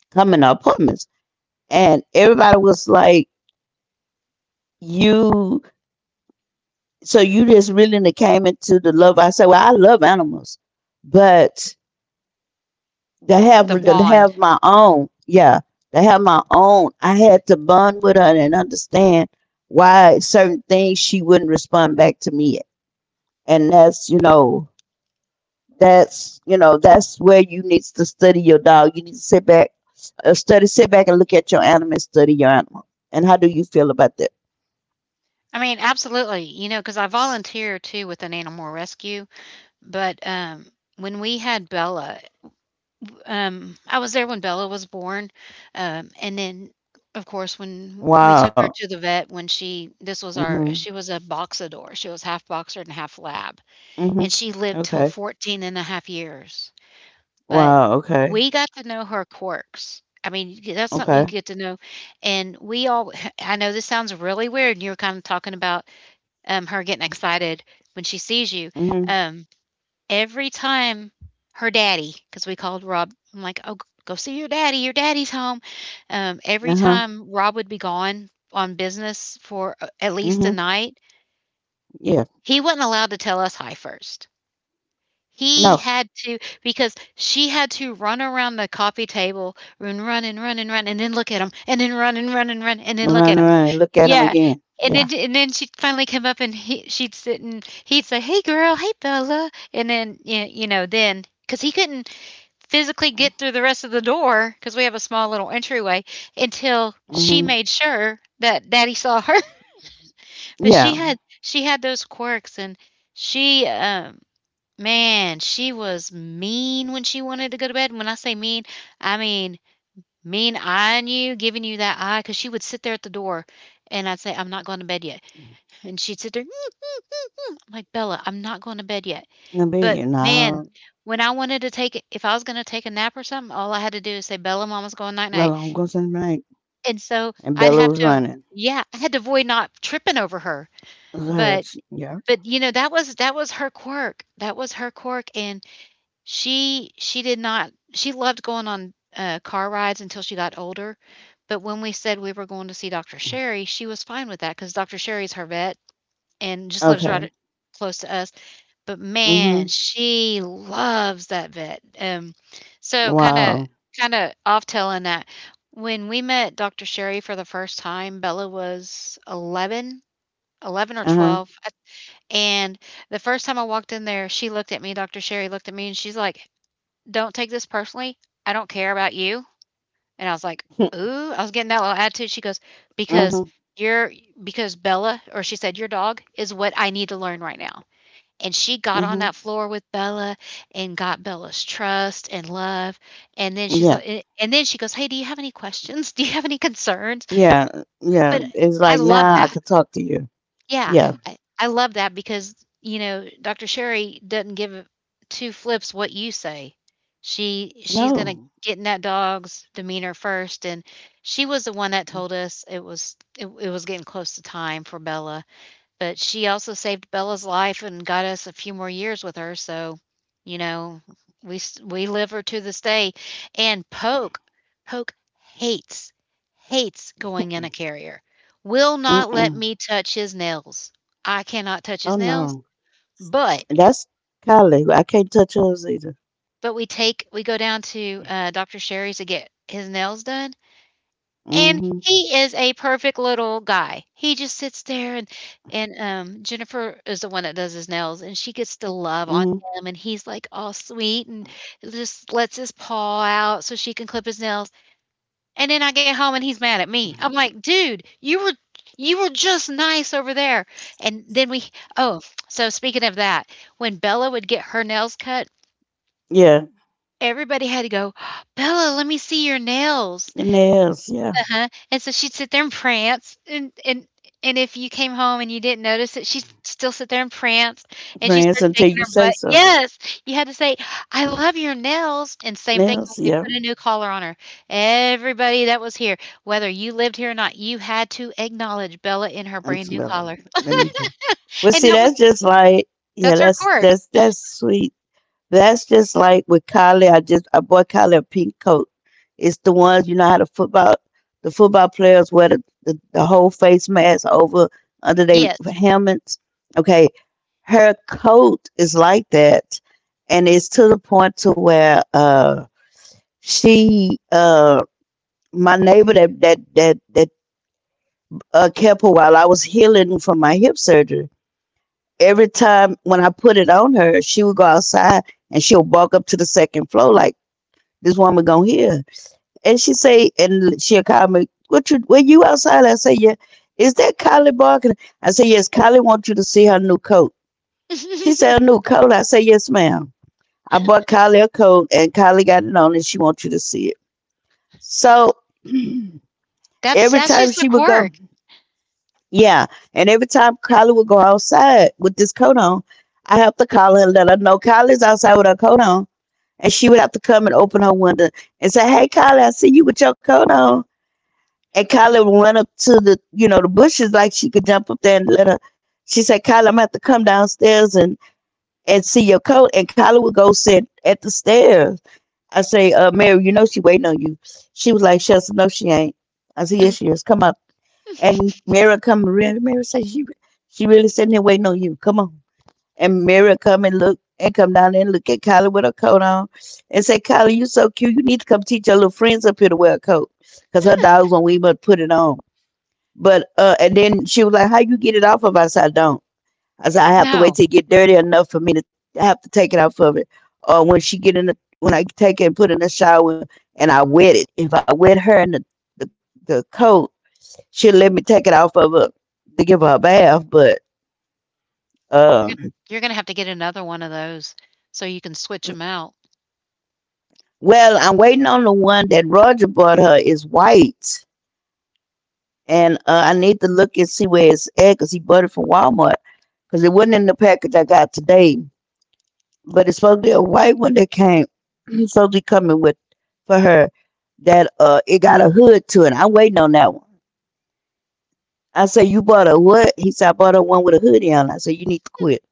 [SPEAKER 1] come in the apartments. And everybody was like, You you just really done came into the love." I said, "Well, I love animals. But to
[SPEAKER 2] It's the bond.
[SPEAKER 1] have my own, yeah, to have my own, I had to bond with her and understand why certain things she wouldn't respond back to me, and that's that's where you need to study your dog. You need to sit back and look at your animal and study your animal." And how do you feel about that?
[SPEAKER 2] I mean, absolutely. You know, because I volunteer too with an animal rescue. But, when we had Bella, I was there when Bella was born, and then, of course, when we took her
[SPEAKER 1] Wow.
[SPEAKER 2] to the vet when she this was our,
[SPEAKER 1] Mm-hmm.
[SPEAKER 2] she was a Boxador. She was half Boxer and half Lab,
[SPEAKER 1] Mm-hmm.
[SPEAKER 2] and she lived till
[SPEAKER 1] Okay.
[SPEAKER 2] 14 and a half years. But
[SPEAKER 1] Wow. Okay.
[SPEAKER 2] we got to know her quirks. I mean, you get, that's something
[SPEAKER 1] Okay.
[SPEAKER 2] you get to know, and we all <laughs> I know this sounds really weird, and you were kind of talking about, her getting excited when she sees you.
[SPEAKER 1] Mm-hmm.
[SPEAKER 2] um, Every time her daddy, because we called Rob, I'm like, "Oh, go see your daddy, your daddy's home." Every
[SPEAKER 1] Uh-huh.
[SPEAKER 2] time Rob would be gone on business for, at least
[SPEAKER 1] Mm-hmm.
[SPEAKER 2] a night,
[SPEAKER 1] Yeah.
[SPEAKER 2] he wasn't allowed to tell us hi first. He
[SPEAKER 1] No.
[SPEAKER 2] had to, because she had to run around the coffee table and run and run and run and then look at him, and then run and run and run and then look
[SPEAKER 1] Run,
[SPEAKER 2] at him.
[SPEAKER 1] run, look at him
[SPEAKER 2] Yeah,
[SPEAKER 1] again.
[SPEAKER 2] and
[SPEAKER 1] Yeah.
[SPEAKER 2] then, and then she'd finally come up and he she'd sit and he'd say, "Hey, girl. Hey, Bella." And then, y you know, then because he couldn't physically get through the rest of the door because we have a small little entryway until she
[SPEAKER 1] Mm-hmm.
[SPEAKER 2] made sure that daddy saw her. <laughs> But
[SPEAKER 1] Yeah.
[SPEAKER 2] she had those quirks and she, um man, she was mean when she wanted to go to bed. And when I say mean, I mean eyeing you, giving you that eye, because she would sit there at the door and I'd say, I'm not going to bed yet. And she'd sit there, <laughs> "Mm, mm, mm, mm." I'm like, Bella, I'm not going to bed yet.
[SPEAKER 1] I
[SPEAKER 2] But
[SPEAKER 1] mean,
[SPEAKER 2] man,
[SPEAKER 1] now.
[SPEAKER 2] when I wanted to take it, if I was going to take a nap or something, all I had to do is say, Bella, mama's going night night.
[SPEAKER 1] Well, I'm going to say right.
[SPEAKER 2] And so
[SPEAKER 1] And
[SPEAKER 2] I'd
[SPEAKER 1] Bella
[SPEAKER 2] have
[SPEAKER 1] was
[SPEAKER 2] to,
[SPEAKER 1] running.
[SPEAKER 2] yeah, I had to avoid not tripping over her. But,
[SPEAKER 1] Search. Yeah.
[SPEAKER 2] but you know, that was her quirk. That was her quirk. And she did not, she loved going on, car rides until she got older, but when we said we were going to see Dr. Sherry, she was fine with that because 'cause Dr. Sherry's her vet and just lives
[SPEAKER 1] Okay.
[SPEAKER 2] right close to us. But man,
[SPEAKER 1] Mm-hmm.
[SPEAKER 2] she loves that vet. So kinda,
[SPEAKER 1] Wow.
[SPEAKER 2] kinda off telling that, when we met Dr. Sherry for the first time, Bella was 11, 11 or
[SPEAKER 1] Uh huh.
[SPEAKER 2] 12, and the first time I walked in there, she looked at me, Dr. Sherry looked at me, and she's like, don't take this personally. I don't care about you. And I was like, ooh, I was getting that little attitude. She goes,
[SPEAKER 1] Mm
[SPEAKER 2] because
[SPEAKER 1] hmm.
[SPEAKER 2] you're because Bella, or she said, your dog is what I need to learn right now. And she got
[SPEAKER 1] Mm
[SPEAKER 2] on
[SPEAKER 1] hmm.
[SPEAKER 2] that floor with Bella and got Bella's trust and love. And then she's
[SPEAKER 1] Yeah.
[SPEAKER 2] like, and then she goes, hey, do you have any questions? Do you have any concerns?
[SPEAKER 1] Yeah. Yeah.
[SPEAKER 2] But
[SPEAKER 1] It's
[SPEAKER 2] I
[SPEAKER 1] like
[SPEAKER 2] love
[SPEAKER 1] now I
[SPEAKER 2] that.
[SPEAKER 1] could talk to you.
[SPEAKER 2] Yeah,
[SPEAKER 1] Yeah.
[SPEAKER 2] I love that because, you know, Dr. Sherry doesn't give two flips what you say. She's gonna
[SPEAKER 1] No.
[SPEAKER 2] get in that dog's demeanor first, and she was the one that told us it was getting close to time for Bella, but she also saved Bella's life and got us a few more years with her, so, you know, we live her to this day. And Poke hates hates going in a carrier. Will
[SPEAKER 1] Mm
[SPEAKER 2] not let
[SPEAKER 1] mm.
[SPEAKER 2] me touch his nails. I cannot touch his
[SPEAKER 1] Oh
[SPEAKER 2] nails,
[SPEAKER 1] no.
[SPEAKER 2] but
[SPEAKER 1] That's Kylie. I can't touch hers either.
[SPEAKER 2] we go down to Dr. Sherry's to get his nails done.
[SPEAKER 1] Mm
[SPEAKER 2] And
[SPEAKER 1] hmm.
[SPEAKER 2] he is a perfect little guy. He just sits there, and Jennifer is the one that does his nails, and she gets to love on
[SPEAKER 1] Mm hmm.
[SPEAKER 2] him, and he's, like, all sweet and just lets his paw out so she can clip his nails. And then I get home and he's mad at me. I'm like, "Dude, you were just nice over there." And then we oh, so speaking of that, when Bella would get her nails cut,
[SPEAKER 1] Yeah.
[SPEAKER 2] everybody had to go, "Bella, let me see your nails."
[SPEAKER 1] Your nails. Yeah.
[SPEAKER 2] Uh-huh, and so she'd sit there and prance, and if you came home and you didn't notice it, she'd still sit there and prance, and she
[SPEAKER 1] Prance
[SPEAKER 2] started
[SPEAKER 1] until
[SPEAKER 2] shaking
[SPEAKER 1] you
[SPEAKER 2] her
[SPEAKER 1] say
[SPEAKER 2] butt.
[SPEAKER 1] so.
[SPEAKER 2] Yes! You had to say, "I love your nails," and same thing when
[SPEAKER 1] Nails.
[SPEAKER 2] we
[SPEAKER 1] Yeah.
[SPEAKER 2] put a new collar on her. Everybody that was here, whether you lived here or not, you had to acknowledge Bella in her
[SPEAKER 1] I'm
[SPEAKER 2] brand new
[SPEAKER 1] smelling.
[SPEAKER 2] collar,
[SPEAKER 1] Well,
[SPEAKER 2] and
[SPEAKER 1] see,
[SPEAKER 2] that was
[SPEAKER 1] that's just like, yeah.
[SPEAKER 2] that's her
[SPEAKER 1] That's
[SPEAKER 2] quirk.
[SPEAKER 1] that's that's sweet. That's just like with Kylie. I bought Kylie a pink coat. It's the ones, you know, how the football players wear the whole face mask over under their
[SPEAKER 2] Yes.
[SPEAKER 1] helmets. Okay. Her coat is like that. And it's to the point to where she my neighbor that kept her while I was healing from my hip surgery. Every time when I put it on her, she would go outside and she'll walk up to the second floor like, this woman gonna hear. And she say, and she'll call me, Were you outside?" I say, "Yeah." "Is that Kylie Barker?" I say, "Yes, Kylie wants you to see her new coat." She said, "A
[SPEAKER 2] <laughs>
[SPEAKER 1] new coat?" I say, "Yes, ma'am. I bought Kylie a coat and Kylie got it on and she wants you to see it." So <clears throat>
[SPEAKER 2] That's
[SPEAKER 1] every
[SPEAKER 2] that's
[SPEAKER 1] time
[SPEAKER 2] just the
[SPEAKER 1] she would go,
[SPEAKER 2] quirk.
[SPEAKER 1] yeah. And every time Kylie would go outside with this coat on, I have to call her and let her know Kylie's outside with her coat on. And she would have to come and open her window and say, "Hey, Kylie, I see you with your coat on." And
[SPEAKER 2] Y
[SPEAKER 1] Kyla ran up to the bushes like she could jump up there and let her. She said, "Kyla, I'm gonna have to come downstairs and see your coat." And Kyla would go sit at the stairs. I say, Mary, you know she waiting on you." She was like, "Shasta, no, she ain't." I said, "Yes,
[SPEAKER 2] um,
[SPEAKER 1] she is. Come up." And Mary come around. Mary say, she really sitting here waiting on you. Come on." And Mary come and look and come down there and look at Kyla with her coat on and say, "Kyla, you so cute. You need to come teach your little friends up here to wear a coat," because her dogs won't even put it on. But and then she was like, "How you get it off of?" I said, "I don't." I said, "I have to
[SPEAKER 2] no,
[SPEAKER 1] wait till it get dirty enough for me to I have to take it off of it, or when she get in the when I take it and put it in the shower and I wet it. If I wet her in the coat, she'll let me take it off of her to give her a bath." But
[SPEAKER 2] You're
[SPEAKER 1] um,
[SPEAKER 2] gonna have to get another one of those so you can switch them out.
[SPEAKER 1] well, I'm waiting on the one that Roger bought her, is white, and I need to look and see where it's at because he bought it from Walmart, because it wasn't in the package I got today. But it's supposed to be a white one that came, you supposed to be coming with for her, that it got a hood to it. I'm waiting on that one. I said, "You bought a what?" He said, "I bought a one with a hoodie on." I said, "You need to quit."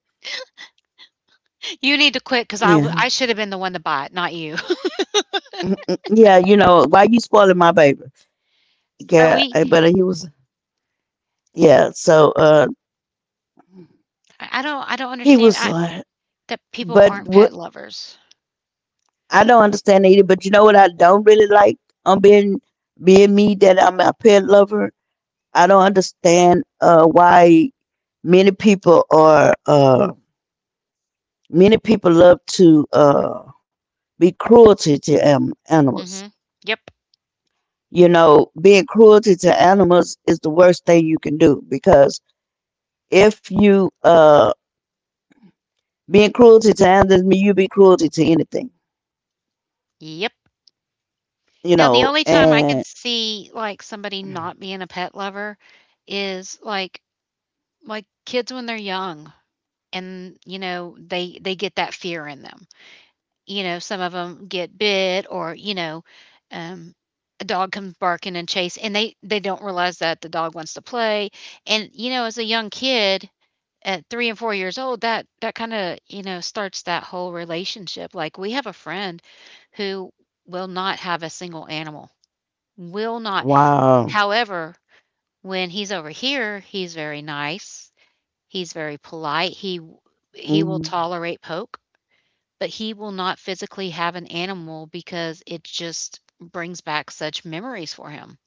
[SPEAKER 2] You need to quit because
[SPEAKER 1] Yeah.
[SPEAKER 2] I should have been the one to buy it, not you.
[SPEAKER 1] Mm-mm. Yeah, why you spoiling my baby?
[SPEAKER 2] <laughs> So
[SPEAKER 1] Yeah,
[SPEAKER 2] we,
[SPEAKER 1] but he was, yeah, so
[SPEAKER 2] I don't
[SPEAKER 1] he
[SPEAKER 2] understand
[SPEAKER 1] was like,
[SPEAKER 2] that people
[SPEAKER 1] but
[SPEAKER 2] aren't
[SPEAKER 1] what
[SPEAKER 2] pet lovers.
[SPEAKER 1] I don't understand either, but you know what I don't really like on being me, that I'm a pet lover? I don't understand why many people are uh many people love to, be cruelty to, animals.
[SPEAKER 2] Hmm. Yep.
[SPEAKER 1] You know, being cruelty to animals is the worst thing you can do because if you being cruelty to animals, mean you be cruelty to anything.
[SPEAKER 2] Yep.
[SPEAKER 1] You
[SPEAKER 2] Now the
[SPEAKER 1] know.
[SPEAKER 2] only time I
[SPEAKER 1] And
[SPEAKER 2] can see, like, somebody not being a pet lover is like, kids when they're young, and, you know, they get that fear in them. You know, some of them get bit, or, you know, um a dog comes barking and chase, and they don't realize that the dog wants to play. And, you know, as a young kid at 3 and 4 years old, that that kinda, you know, starts that whole relationship. Like, we have a friend who will not have a single animal, will not.
[SPEAKER 1] wow.
[SPEAKER 2] However, when he's over here, he's very nice, he's very polite, he will
[SPEAKER 1] Mm.
[SPEAKER 2] tolerate Poke, but he will not physically have an animal because it just brings back such memories for him.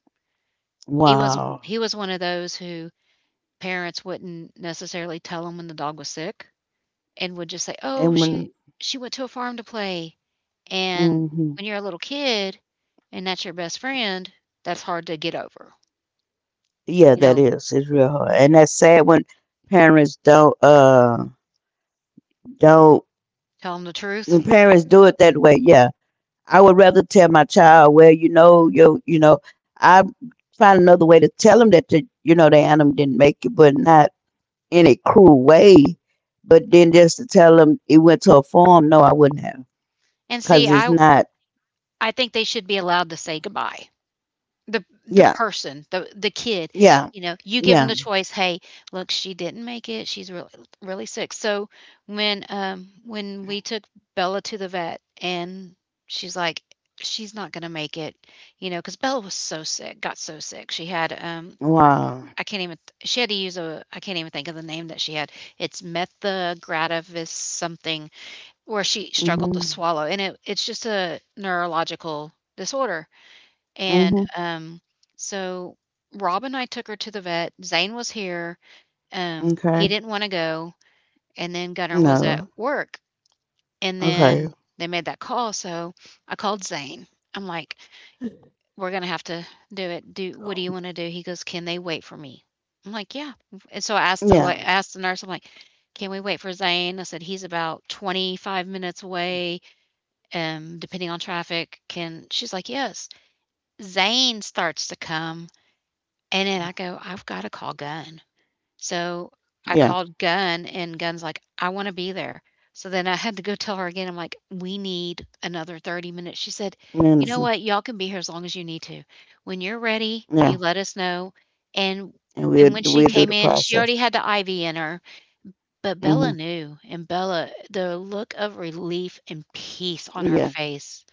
[SPEAKER 2] He was
[SPEAKER 1] Wow.
[SPEAKER 2] he was one of those who parents wouldn't necessarily tell him when the dog was sick, and would just say,
[SPEAKER 1] And
[SPEAKER 2] "Oh,
[SPEAKER 1] when.
[SPEAKER 2] she went to a farm to play." And
[SPEAKER 1] Hmm.
[SPEAKER 2] when you're a little kid and that's your best friend, that's hard to get over,
[SPEAKER 1] Yeah,
[SPEAKER 2] you
[SPEAKER 1] that
[SPEAKER 2] know?
[SPEAKER 1] is, it's real hard, and that's sad when parents don't
[SPEAKER 2] Tell them the
[SPEAKER 1] when
[SPEAKER 2] truth.
[SPEAKER 1] parents do it that way. Yeah, I would rather tell my child, well, you know, you know, I find another way to tell them that the you know the animal didn't make it, but not in a cruel way. But then just to tell them it went to a farm, no, I wouldn't have,
[SPEAKER 2] And see,
[SPEAKER 1] cause it's not.
[SPEAKER 2] I think they should be allowed to say goodbye. The
[SPEAKER 1] Yeah,
[SPEAKER 2] the kid,
[SPEAKER 1] yeah,
[SPEAKER 2] you know, you give them the
[SPEAKER 1] yeah.
[SPEAKER 2] choice. "Hey, look, she didn't make it, she's really sick." So, when we took Bella to the vet and she's like, "She's not gonna make it," you know, because Bella was so sick, got so sick. She had,
[SPEAKER 1] Wow.
[SPEAKER 2] I can't even she had to use a I can't even think of the name that she had. It's Methagratavus something, where she struggled to
[SPEAKER 1] Mhm.
[SPEAKER 2] swallow, and it it's just a neurological disorder. And,
[SPEAKER 1] Mhm.
[SPEAKER 2] so Rob and I took her to the vet. Zane was here, he
[SPEAKER 1] Okay.
[SPEAKER 2] didn't wanna go, and then Gunner was at
[SPEAKER 1] No.
[SPEAKER 2] work, and then
[SPEAKER 1] Okay.
[SPEAKER 2] they made that call. So I called Zane. I'm like, "We're gonna have to do it. Do what do you wanna do?" He goes, "Can they wait for me?" I'm like, "Yeah," and so I asked the la
[SPEAKER 1] Yeah.
[SPEAKER 2] asked the nurse, I'm like, "Can we wait for Zane? I said, He's about 25 minutes away, depending on traffic, can—" She's like, "Yes." Zane starts to come, and then I go, "I've gotta call Gun." So, I
[SPEAKER 1] Yeah.
[SPEAKER 2] called Gun, and Gun's like, "I wanna be there." So then I had to go tell her again, I'm like, "We need another 30 minutes." She said, "You know
[SPEAKER 1] Medicine.
[SPEAKER 2] what? Y'all can be here as long as you need to. When you're ready, you
[SPEAKER 1] Yeah.
[SPEAKER 2] let us know." And
[SPEAKER 1] And we'll
[SPEAKER 2] and when she
[SPEAKER 1] we'll
[SPEAKER 2] came
[SPEAKER 1] do the
[SPEAKER 2] in, she already
[SPEAKER 1] process.
[SPEAKER 2] had the IV in her, but Bella
[SPEAKER 1] Mhm.
[SPEAKER 2] knew, and Bella, the look of relief and peace on her
[SPEAKER 1] Yeah.
[SPEAKER 2] face,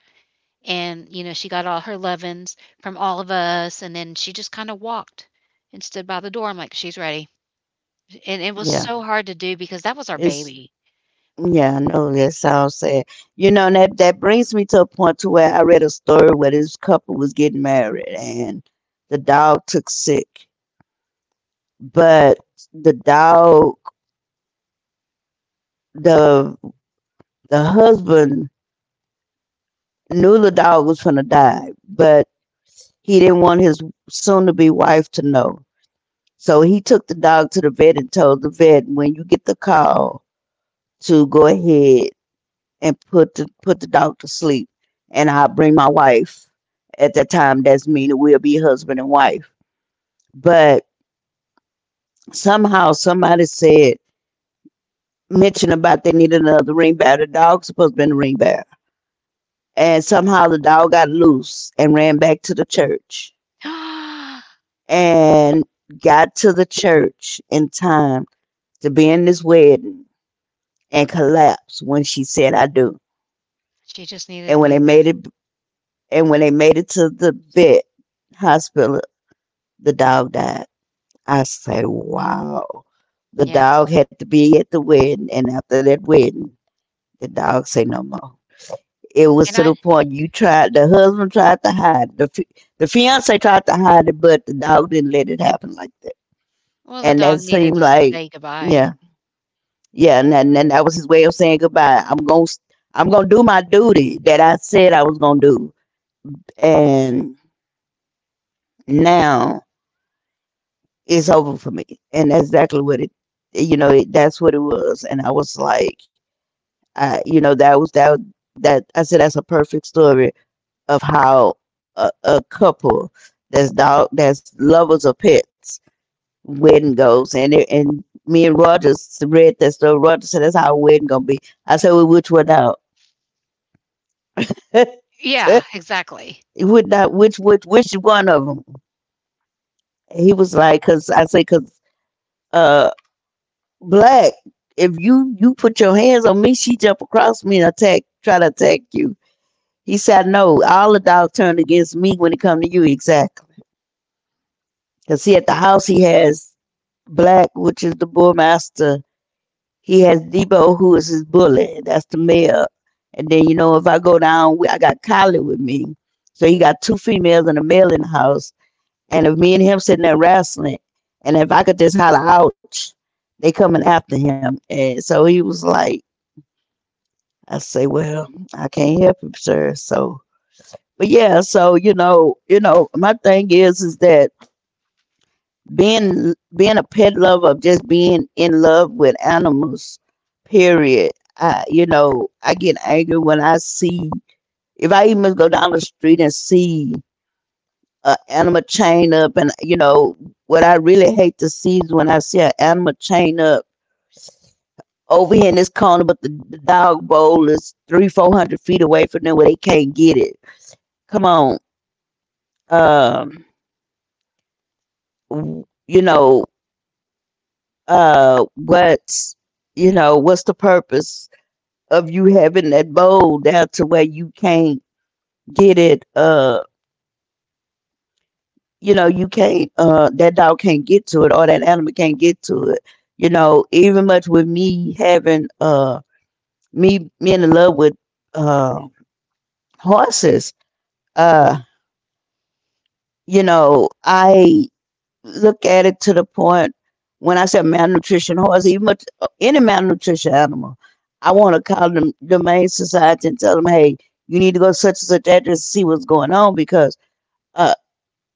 [SPEAKER 2] and, you know, she got all her lovin's from all of us, and then she just kinda walked and stood by the door. I'm like, "She's ready." And it was
[SPEAKER 1] Yeah.
[SPEAKER 2] so hard to do because that was our
[SPEAKER 1] It's
[SPEAKER 2] baby.
[SPEAKER 1] Yeah, I know that sounds sad. You know, and that brings me to a point to where I read a story where this couple was getting married and the dog took sick, but the dog, the the husband knew the dog was gonna die, but he didn't want his soon to be wife to know. So he took the dog to the vet and told the vet, when you get the call to go ahead and put the dog to sleep. And I'll bring my wife. At that time, that's me. And we'll be husband and wife. But somehow somebody mentioned about they needed another ring bearer. The dog's supposed to be in the ring bearer. And somehow the dog got loose and ran back to the church
[SPEAKER 2] <gasps>
[SPEAKER 1] and got to the church in time to be in this wedding and collapsed when she said, "I do."
[SPEAKER 2] She just
[SPEAKER 1] And
[SPEAKER 2] needed to
[SPEAKER 1] when they
[SPEAKER 2] be
[SPEAKER 1] made
[SPEAKER 2] there.
[SPEAKER 1] it, and when they made it to the vet hospital, the dog died. I say, wow. The
[SPEAKER 2] Yep.
[SPEAKER 1] dog had to be at the wedding, and after that wedding, the dog say no more. It
[SPEAKER 2] And
[SPEAKER 1] was
[SPEAKER 2] I
[SPEAKER 1] to the point you tried. The husband tried to hide. The the fiance tried to hide it, but the dog didn't let it happen like that.
[SPEAKER 2] Well, the
[SPEAKER 1] And
[SPEAKER 2] dog
[SPEAKER 1] that
[SPEAKER 2] needed
[SPEAKER 1] seemed
[SPEAKER 2] to say
[SPEAKER 1] like,
[SPEAKER 2] goodbye.
[SPEAKER 1] yeah, yeah. And then and that was his way of saying goodbye. I'm gonna do my duty that I said I was gonna do. And now it's over for me. And that's exactly what it, that's what it was. And I was like, you know, that I said, that's a perfect story of how a, a couple that's dog that's lovers of pets wedding goes. And me and Rogers read that story. Rogers said, "That's how a wedding gonna be." I said, "Well, which one out? <laughs> which,
[SPEAKER 2] Yeah, exactly.
[SPEAKER 1] not, which one of them?" He was like, cause I say, cause. Uh, Black, if you put your hands on me, she jump across me and try to attack you. He said, "No, all the dogs turn against me when it come to you, exactly." Because see, at the house he has Black, which is the bullmaster. He has Debo, who is his bully. That's the male. And then you know, if I go down, I got Collie with me. So he got two females and a male in the house. And if me and him sitting there wrestling, and if I could just holler ouch, they coming after him. And so he was like I say, well, I can't help you, sir. So, but yeah, so you know, my thing is that being being a pet lover, of just being in love with animals, period. I I get angry when I see if I even go down the street and see an animal chain up, and you know, what I really hate to see is when I see an animal chain up over here in this corner, but the dog bowl is three, 400 feet away from them where they can't get it. Come on um you know what's, you know, what's the purpose of you having that bowl down to where you can't get it? You know, you can't, that dog can't get to it or that animal can't get to it. You know, even much with me having, me being in love with uh horses. uh you know, I look at it to the point when I said malnutrition horse, even any malnutrition animal. I want to call them the main society and tell them, hey, you need to go such and such address to see what's going on, because uh,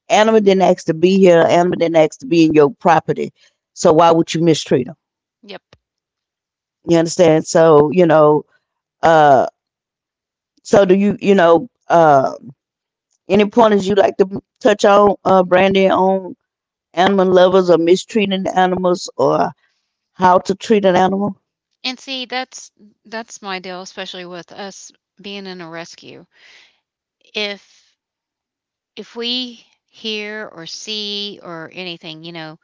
[SPEAKER 1] animal didn't ask to be here. Animal didn't ask to be in your property. So why would you mistreat them?
[SPEAKER 2] Yep.
[SPEAKER 1] You understand? So you know. Uh, so do you? You know. Any pointers you like to touch on, Brandy, on animal lovers or mistreating animals or how to treat an animal?
[SPEAKER 2] And see, that's my deal, especially with us being in a rescue. If if we hear or see or anything, you know,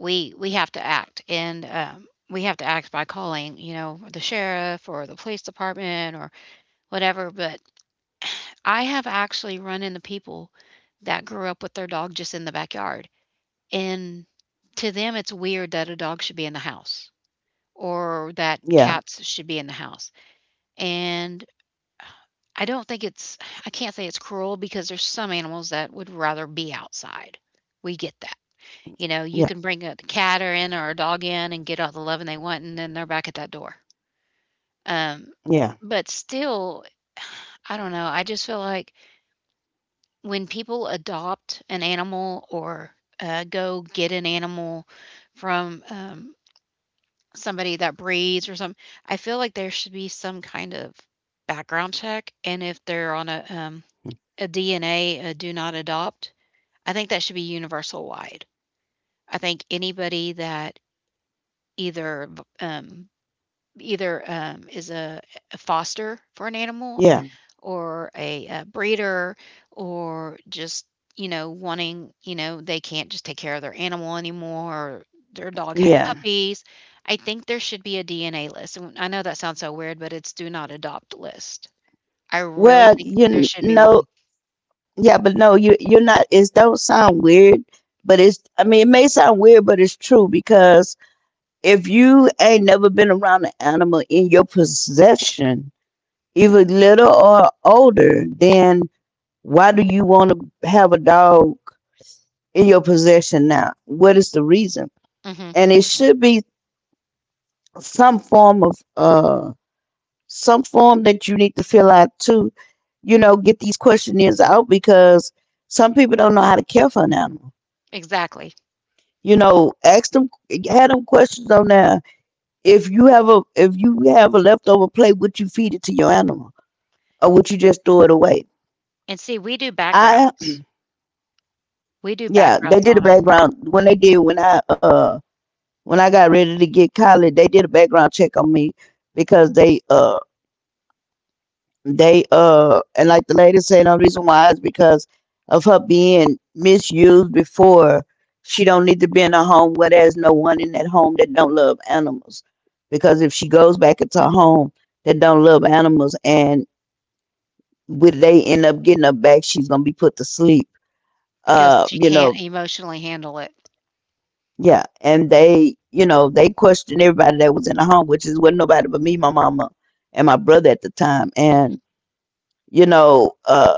[SPEAKER 2] we have to act, and we have to act by calling, you know, the sheriff or the police department or whatever. But <sighs> I have actually run into people that grew up with their dog just in the backyard, and to them it's weird that a dog should be in the house or that
[SPEAKER 1] Yeah.
[SPEAKER 2] cats should be in the house. And I don't think it's I can't say it's cruel because there's some animals that would rather be outside. We get that. You know, you
[SPEAKER 1] Yeah.
[SPEAKER 2] can bring a cat or in or a dog in and get all the loving they want, and then they're back at that door. Um,
[SPEAKER 1] Yeah.
[SPEAKER 2] but still, <sighs> I don't know. I just feel like when people adopt an animal or go get an animal from, somebody that breeds or something, I feel like there should be some kind of background check. And if they're on a DNA, a do not adopt, I think that should be universal wide. I think anybody that either um, either, is a foster for an animal
[SPEAKER 1] Yeah.
[SPEAKER 2] or a, breeder, or just, you know, wanting, you know, they can't just take care of their animal anymore, or their dog had
[SPEAKER 1] Yeah.
[SPEAKER 2] puppies. I think there should be a DNA list, and I know that sounds so weird, but it's do not adopt list. I
[SPEAKER 1] Well,
[SPEAKER 2] really think there
[SPEAKER 1] you
[SPEAKER 2] should be
[SPEAKER 1] know,
[SPEAKER 2] one.
[SPEAKER 1] yeah, but no, you're not. It don't sound weird, but it's. I mean, it may sound weird, but it's true because if you ain't never been around an animal in your possession, either little or older, then why do you want to have a dog in your possession now? What is the reason?
[SPEAKER 2] Mhm,
[SPEAKER 1] And it should be some form of some form that you need to fill out too. You know, get these questionnaires out because some people don't know how to care for an animal.
[SPEAKER 2] exactly.
[SPEAKER 1] You know, ask them, have them questions on there. If you have a leftover plate, would you feed it to your animal, or would you just throw it away?
[SPEAKER 2] And see, we do
[SPEAKER 1] I
[SPEAKER 2] backgrounds. We do
[SPEAKER 1] yeah, they
[SPEAKER 2] backgrounds
[SPEAKER 1] did
[SPEAKER 2] on
[SPEAKER 1] a
[SPEAKER 2] them
[SPEAKER 1] background when they did when I, when I got ready to get college, they did a background check on me because they, and like the lady said, the reason why is because of her being misused before. She don't need to be in a home where there's no one in that home that don't love animals. Because if she goes back into a home that don't love animals, and when they end up getting her back, she's gonna be put to sleep.
[SPEAKER 2] because she
[SPEAKER 1] You
[SPEAKER 2] can't
[SPEAKER 1] know,
[SPEAKER 2] emotionally handle it.
[SPEAKER 1] yeah. And they, you know, they questioned everybody that was in the home, which is what nobody but me, my mama, and my brother at the time. And
[SPEAKER 2] Mhm,
[SPEAKER 1] you know,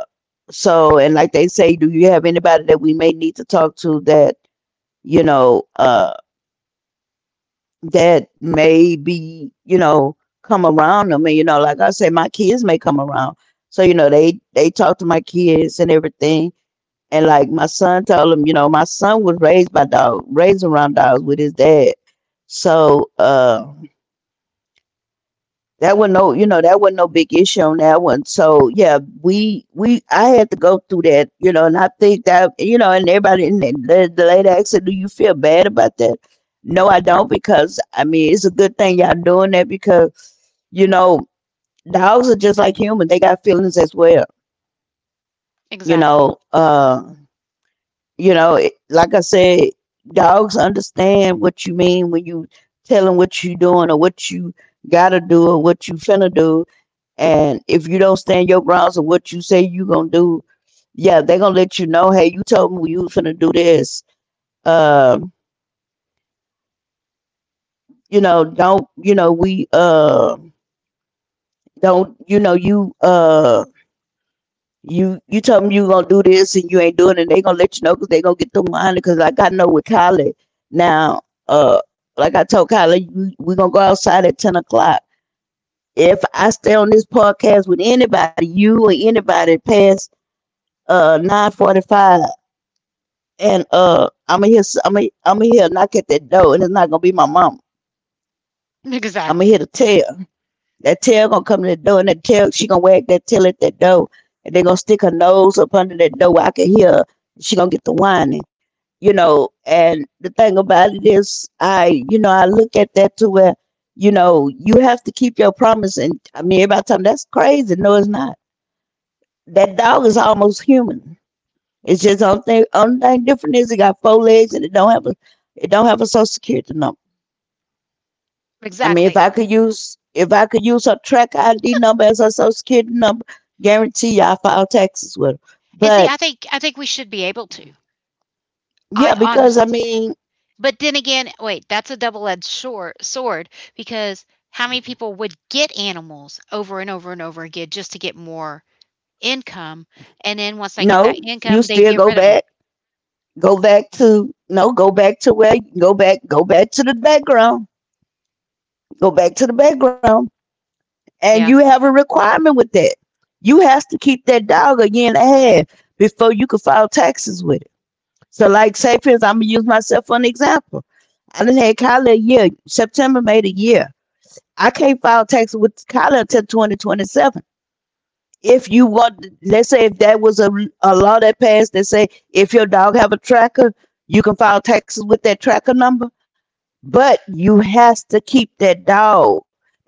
[SPEAKER 1] so, and like they say, do you have anybody that we may need to talk to that, you know, that may be, you know, come around them? And, you know, like I say, my kids may come around. So, you know, they talk to my kids and everything. And like my son told them, you know, my son was raised by dog, raised around dogs with his dad. So, that wasn't no, you know, that wasn't no big issue on that one. So yeah, we I had to go through that, you know, and I think that you know, and everybody and the lady asked her, "Do you feel bad about that?" No, I don't, because I mean, it's a good thing y'all doing that because you know, dogs are just like humans; they got feelings as well. You
[SPEAKER 2] exactly.
[SPEAKER 1] know, uh, you know, it, like I said, dogs understand what you mean when you tell them what you doing or what you gotta do or what you finna do, and if you don't stand your grounds of what you say you gonna do, yeah, they gonna let you know, hey, you told me you was gonna do this. Uh, you know, don't you know, we don't you know you told me you gonna do this and you ain't doing it, they gonna let you know because they gonna get the money. Because like I know with Kylie now, like I told Kylie, we gonna go outside at 10 o'clock. If I stay on this podcast with anybody, you or anybody past 9:45 and I'm gonna hear, I'm gonna hear a knock at that door, and it's not gonna be my mama.
[SPEAKER 2] <laughs>
[SPEAKER 1] I'm gonna hear
[SPEAKER 2] Exactly.
[SPEAKER 1] the tail. That tail gonna come to the door, and that tail, she gonna wag that tail at that door, and they gonna stick her nose up under that door where I can hear. Her. She gonna get the whining, you know. And the thing about it is, I I look at that to where, you know, you have to keep your promise. And I mean, every time that's crazy. No, it's not. That dog is almost human. It's just only thing different is it got four legs and it don't have a social security number. I mean, if
[SPEAKER 2] Exactly.
[SPEAKER 1] I could use her track ID number as her social security number, guarantee you I file taxes with her.
[SPEAKER 2] And see,
[SPEAKER 1] But
[SPEAKER 2] I think we should be able to. I
[SPEAKER 1] yeah, because I
[SPEAKER 2] honest—
[SPEAKER 1] mean,
[SPEAKER 2] but then again, wait, that's a double-edged shor sword, because how many people would get animals over and over and over again just to get more income, and then once they get
[SPEAKER 1] no,
[SPEAKER 2] that
[SPEAKER 1] you
[SPEAKER 2] income, they'd
[SPEAKER 1] still
[SPEAKER 2] get rid of them.
[SPEAKER 1] go back to no, go back to where go back to the background, go back to the background, and
[SPEAKER 2] Yeah.
[SPEAKER 1] you have a requirement with that. You has to keep that dog a year and a half before you can file taxes with. It. So, like, say for instance, I'm gonna use myself for an example. I done had Kylie a year, September made a year. I can't file taxes with Tyler until 2027. If you want, let's say if that was a law that passed that say if your dog have a tracker, you can file taxes with that tracker number, but you has to keep that dog.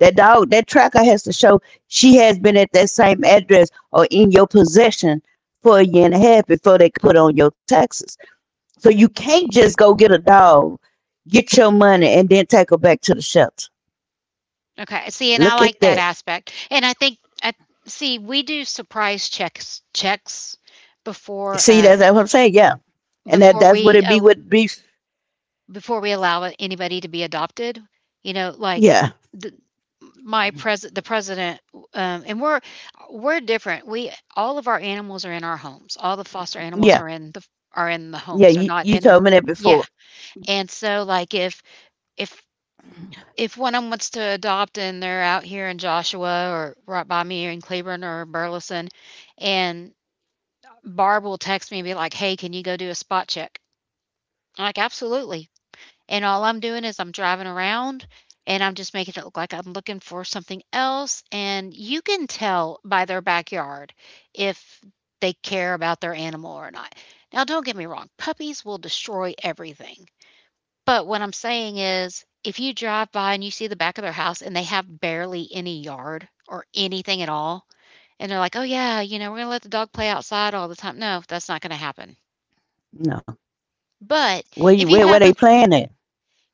[SPEAKER 1] That dog, that tracker has to show she has been at that same address or in your possession for a year and a half before they can put on your taxes. So you can't just go get a dog, get your money, and then take her back to the shelter.
[SPEAKER 2] Okay. See, and I
[SPEAKER 1] Look at
[SPEAKER 2] like that
[SPEAKER 1] that.
[SPEAKER 2] aspect, and I think I see, we do surprise checks before,
[SPEAKER 1] See, that's what I'm saying. Yeah, and that
[SPEAKER 2] before
[SPEAKER 1] that's what
[SPEAKER 2] we,
[SPEAKER 1] it be
[SPEAKER 2] uh
[SPEAKER 1] with beef.
[SPEAKER 2] before we allow anybody to be adopted. You know, like
[SPEAKER 1] Yeah,
[SPEAKER 2] the my president, the president, and we're different. We— all of our animals are in our homes. All the foster animals
[SPEAKER 1] yeah,
[SPEAKER 2] are in the homes.
[SPEAKER 1] yeah.
[SPEAKER 2] They're
[SPEAKER 1] You
[SPEAKER 2] not
[SPEAKER 1] you
[SPEAKER 2] in—
[SPEAKER 1] told me that
[SPEAKER 2] yeah.
[SPEAKER 1] before.
[SPEAKER 2] And so, like, if if if one of them wants to adopt and they're out here in Joshua or right by me in Cleburne or Burleson, and Barb will text me and be like, "Hey, can you go do a spot check?" I'm like, "Absolutely." And all I'm doing is I'm driving around, and I'm just making it look like I'm looking for something else. And you can tell by their backyard if they care about their animal or not. Now, don't get me wrong, puppies will destroy everything. But what I'm saying is, if you drive by and you see the back of their house and they have barely any yard or anything at all, and they're like, "Oh, yeah, you know, we're going to let the dog play outside all the time." No, that's not going to happen.
[SPEAKER 1] No,
[SPEAKER 2] But
[SPEAKER 1] where
[SPEAKER 2] if
[SPEAKER 1] you
[SPEAKER 2] you
[SPEAKER 1] where
[SPEAKER 2] have a—
[SPEAKER 1] they playing at?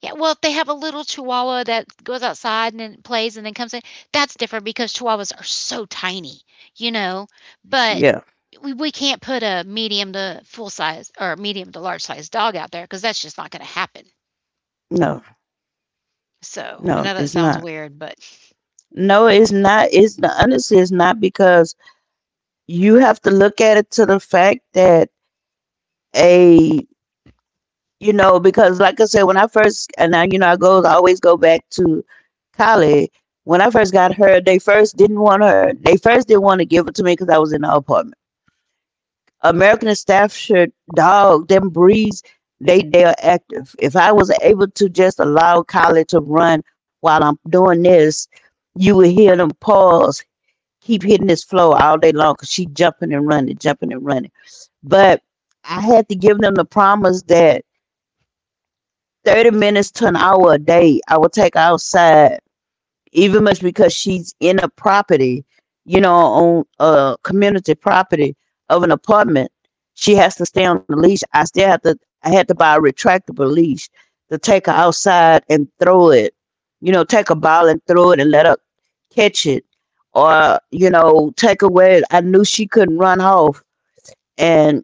[SPEAKER 2] yeah, well, if they have a little chihuahua that goes outside and then plays and then comes in, that's different because chihuahuas are so tiny, you know. But
[SPEAKER 1] Yeah,
[SPEAKER 2] we, can't put a medium to full size or medium to large size dog out there because that's just not going to happen.
[SPEAKER 1] no,
[SPEAKER 2] So I know
[SPEAKER 1] no,
[SPEAKER 2] that
[SPEAKER 1] it's
[SPEAKER 2] sounds
[SPEAKER 1] not.
[SPEAKER 2] weird, but
[SPEAKER 1] No, it's not. It's not, honestly, it's not because you have to look at it to the fact that a you know because like I said when I first and I you know I go I always go back to college when I first got her they first didn't want her they first didn't want to give it to me because I was in her apartment American Staffordshire dog, them breeds, they are active. If I was able to just allow Collie to run while I'm doing this, you would hear them paws keep hitting this floor all day long because she jumping and running, jumping and running. But I had to give them the promise that 30 minutes to an hour a day, I would take outside, even much because she's in a property, you know, on a community property of an apartment. She has to stay on the leash. I still have to. I had to buy a retractable leash to take her outside and throw it. You know, take a ball and throw it and let her catch it, or you know, take away. I knew she couldn't run off, and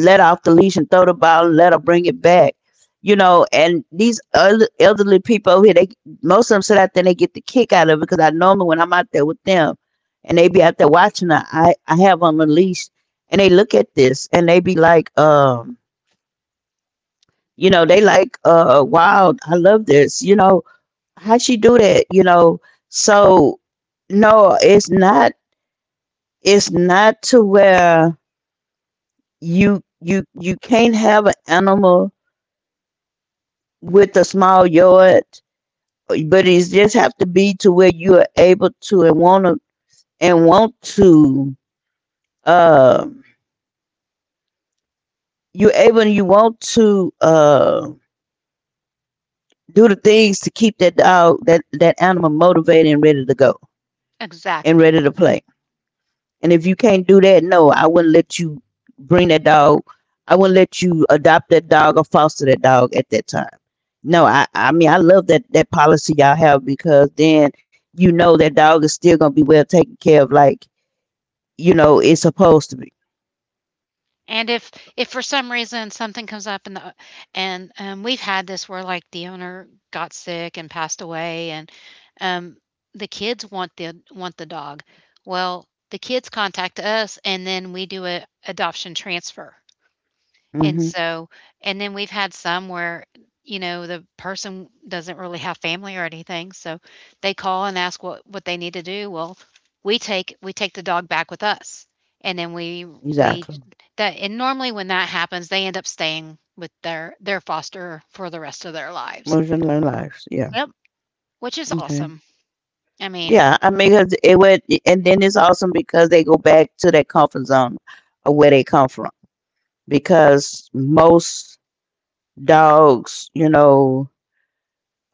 [SPEAKER 1] let off the leash and throw the ball and let her bring it back. You know, and these other elderly people over here, they most of them sit out there and they get the kick out of it because I normally when I'm out there with them and they be out there watching her, I have on the leash and they look at this and they be like, you know, they like, wow, I love this. You know, how she do that? You know, so no, it's not. It's not to where you can't have an animal with a small yard, but it just have to be to where you are able to and want to and want to uh you're able and you want to do the things to keep that dog that animal motivated and ready to go
[SPEAKER 2] <laughs>
[SPEAKER 1] and
[SPEAKER 2] exactly.
[SPEAKER 1] ready to play. And if you can't do that, no, I wouldn't let you bring that dog. I wouldn't let you adopt that dog or foster that dog at that time. No, I mean, I love that policy y'all have because then you know that dog is still going to be well taken care of, like, you know, it's supposed to be.
[SPEAKER 2] And if for some reason something comes up and the and, we've had this where, like, the owner got sick and passed away, and, um, the kids want the dog. Well, the kids contact us, and then we do a adoption transfer. And
[SPEAKER 1] Hmm.
[SPEAKER 2] so, and then we've had some where, you know, the person doesn't really have family or anything, so they call and ask what they need to do. Well, we take the dog back with us, and then we we
[SPEAKER 1] Exactly.
[SPEAKER 2] that— and normally when that happens, they end up staying with their foster for the rest of their lives.
[SPEAKER 1] Moving their lives. Yeah.
[SPEAKER 2] Yep. Which is awesome.
[SPEAKER 1] Okay.
[SPEAKER 2] I mean—
[SPEAKER 1] Yeah. I mean, 'cause it would, and then it's awesome because they go back to that comfort zone of where they come from because most dogs, you know,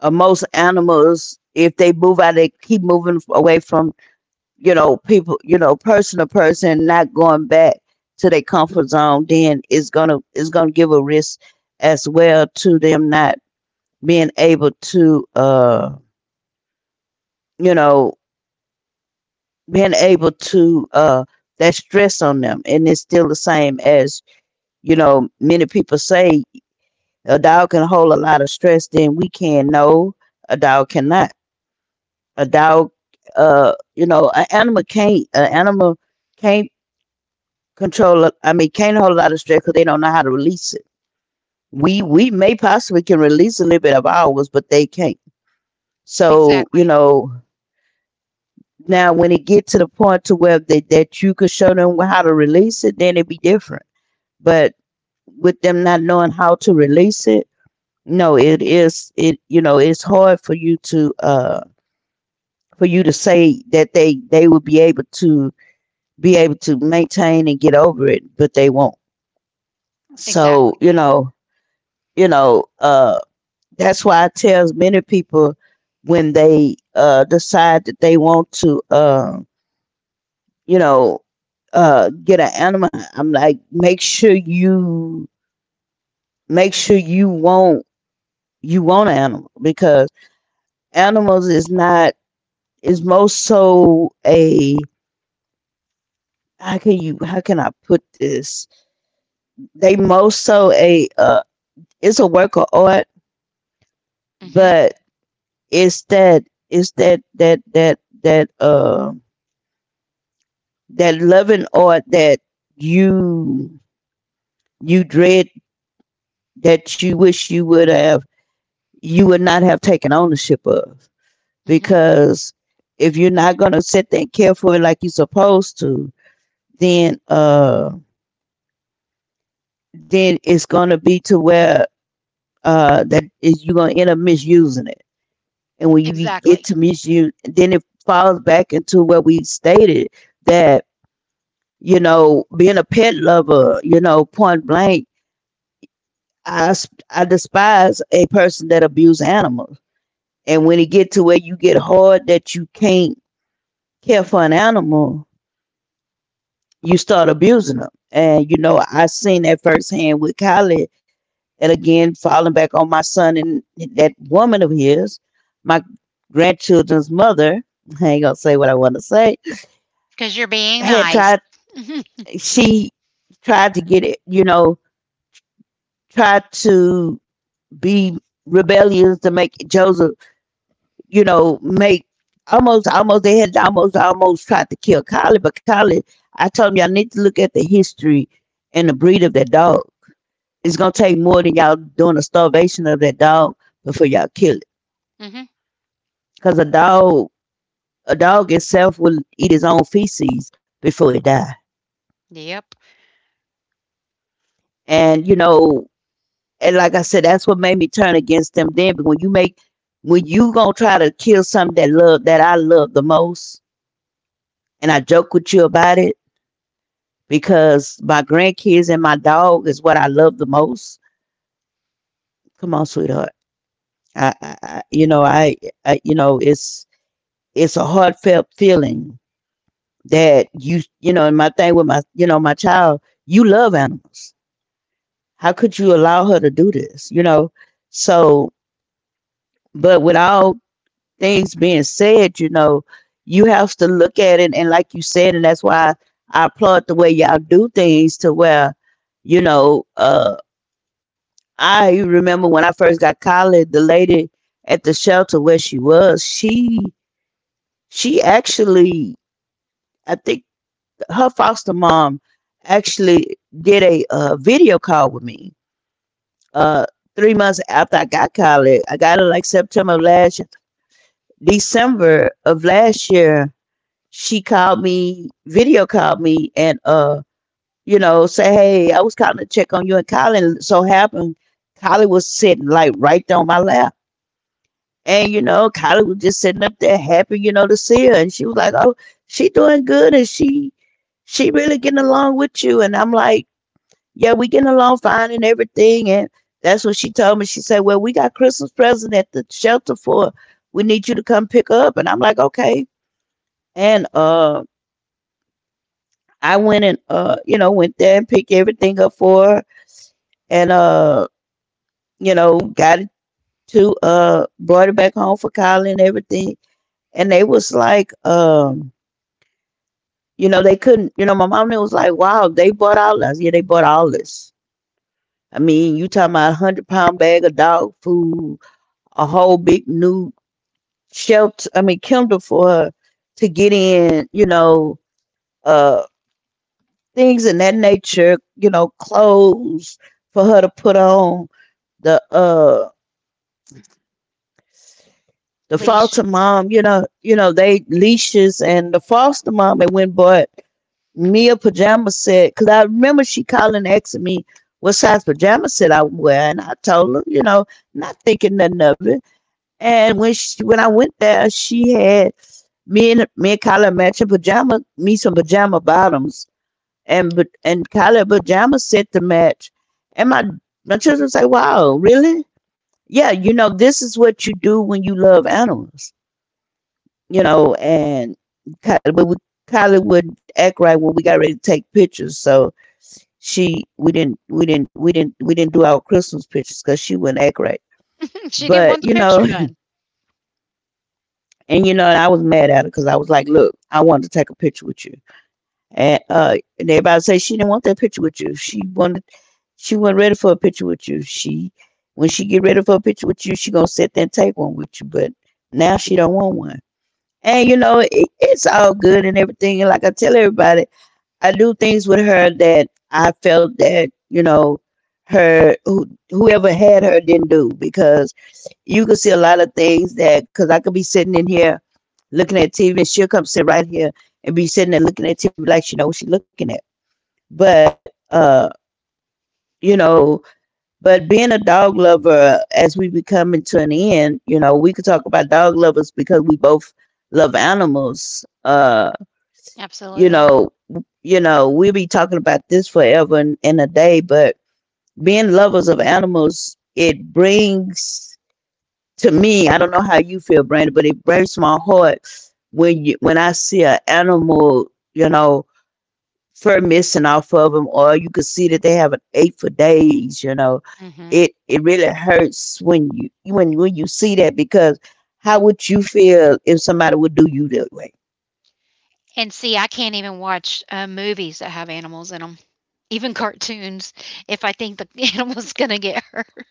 [SPEAKER 1] most animals if they move out they keep moving away from you know people you know person to person not going back to their comfort zone then it's gonna give a risk as well to them not being able to uh you know being able to that stress on them and it's still the same as you know many people say a dog can hold a lot of stress than we can. No, a dog cannot. A dog, uh you know, an animal can't, an animal can't control a- I mean can't hold out of stress because they don't know how to release it. We may possibly can release a little bit of ours but they can't. So you
[SPEAKER 2] Exactly.
[SPEAKER 1] know, now when it get to the point to where that you could show them how to release it, then it be different. But with them not knowing how to release it, no it is it, you know, it's hard for you to say that they would be able to maintain and get over it, but they won't.
[SPEAKER 2] Exactly.
[SPEAKER 1] So, you know, that's why I tell many people when they, decide that they want to, you know, get an animal, I'm like, make sure you want an animal because animals is not is most so a how can you how can I put this? They most so a it's a work of art,
[SPEAKER 2] Mhm.
[SPEAKER 1] but it's that it's that that that loving art that you you dread that you wish you would have you would not have taken ownership of,
[SPEAKER 2] Mhm.
[SPEAKER 1] because if you're not gonna sit there and care for it like you're supposed to, then uh then it's gonna be to where that is you're gonna end up misusing it. And when you get
[SPEAKER 2] Exactly.
[SPEAKER 1] to misuse then it falls back into what we stated that. You know, being a pet lover, you know, point blank, I despise a person that abuse animals. And when it get to where you get hard that you can't care for an animal, you start abusing them. And, you know, I seen that firsthand with Kylie. And again, falling back on my son and that woman of his, my grandchildren's mother, <laughs> I ain't going to say what I want to say,
[SPEAKER 2] 'Cause you're being
[SPEAKER 1] had
[SPEAKER 2] nice.
[SPEAKER 1] tried,
[SPEAKER 2] Mhm.
[SPEAKER 1] she tried to get it, you know, tried to be rebellious to make Joseph, you know, make almost almost they had almost almost tried to kill Collie, but Collie, I told him y'all need to look at the history and the breed of that dog. It's gonna take more than y'all doing a starvation of that dog before y'all kill it.
[SPEAKER 2] Mhm.
[SPEAKER 1] Cause a dog, a dog itself will eat his own feces before it die.
[SPEAKER 2] Yep.
[SPEAKER 1] And you know, and like I said, that's what made me turn against them then. But when you make when you gonna try to kill something that love that I love the most, and I joke with you about it because my grandkids and my dog is what I love the most. Come on, sweetheart. I you know, I, you know, it's a heartfelt feeling that you know, and my thing with my, you know, my child, you love animals. How could you allow her to do this? You know, so, but with all things being said, you know, you have to look at it, and like you said, and that's why I applaud the way y'all do things to where, you know, I remember when I first got college, the lady at the shelter where she was, she actually, I think her foster mom actually did a video call with me. Uh, 3 months after I got college, I got it like September of last year, December of last year. She called me, video called me, and you know, say, hey, I was calling to check on you and Colin. So happened, Colin was sitting like right there on my lap. And you know, Kylie was just sitting up there happy, you know, to see her. And she was like, oh, she doing good and she really getting along with you. And I'm like, yeah, we getting along fine and everything. And that's what she told me. She said, well, we got Christmas present at the shelter for her. We need you to come pick her up. And I'm like, okay. And I went and, you know, went there and picked everything up for her and, you know, got it to brought it back home for Kylie and everything. And they was like, you know, they couldn't, you know, my mom was like, wow, they bought all this. Yeah, they bought all this. I mean, you talking about 100 pound bag of dog food, a whole big new shelter, I mean, Kindle for her to get in, you know, uh, things in that nature, you know, clothes for her to put on the, uh, the
[SPEAKER 2] Leash.
[SPEAKER 1] foster mom, you know, they leashes and the foster mom and went bought Mia pajama set, because I remember she calling asking me what size pajama set I wear, and I told her, you know, not thinking nothing of it. And when I went there, she had me and her, me and Kyla matching pajama, me some pajama bottoms, and but and Kyla pajama set to match. And my children say, "Wow, really? Yeah, you know, this is what you do when you love animals, you know." And Kyla, Kyla would act right when we got ready to take pictures, so she we didn't do our Christmas pictures because she wouldn't act right.
[SPEAKER 2] She
[SPEAKER 1] But
[SPEAKER 2] didn't want the
[SPEAKER 1] you
[SPEAKER 2] picture
[SPEAKER 1] know,
[SPEAKER 2] done.
[SPEAKER 1] <laughs> and you know, and I was mad at her because I was like, "Look, I wanted to take a picture with you," and and everybody say she didn't want that picture with you. She wanted, she wasn't ready for a picture with you. She, when she get ready for a picture with you, she gonna sit there and take one with you. But now she don't want one, and you know, it, it's all good and everything. And like I tell everybody, I do things with her that I felt that you know her who, whoever had her didn't do because you could see a lot of things that because I could be sitting in here looking at TV and she'll come sit right here and be sitting there looking at TV like she knows what she's looking at. But uh, you know, but being a dog lover as we be coming to an end, you know, we could talk about dog lovers because we both love animals. You know,
[SPEAKER 2] Absolutely.
[SPEAKER 1] you know, we'll be talking about this forever and a day, but being lovers of animals, it brings to me, I don't know how you feel, Brandon, but it breaks my heart when you when I see an animal, you know, fur missing off of them, or you could see that they haven't ate for days. You know,
[SPEAKER 2] Mhm.
[SPEAKER 1] it really hurts when when you see that because how would you feel if somebody would do you that way?
[SPEAKER 2] And see, I can't even watch, movies that have animals in them, even cartoons, if I think the <laughs> animal's gonna get hurt.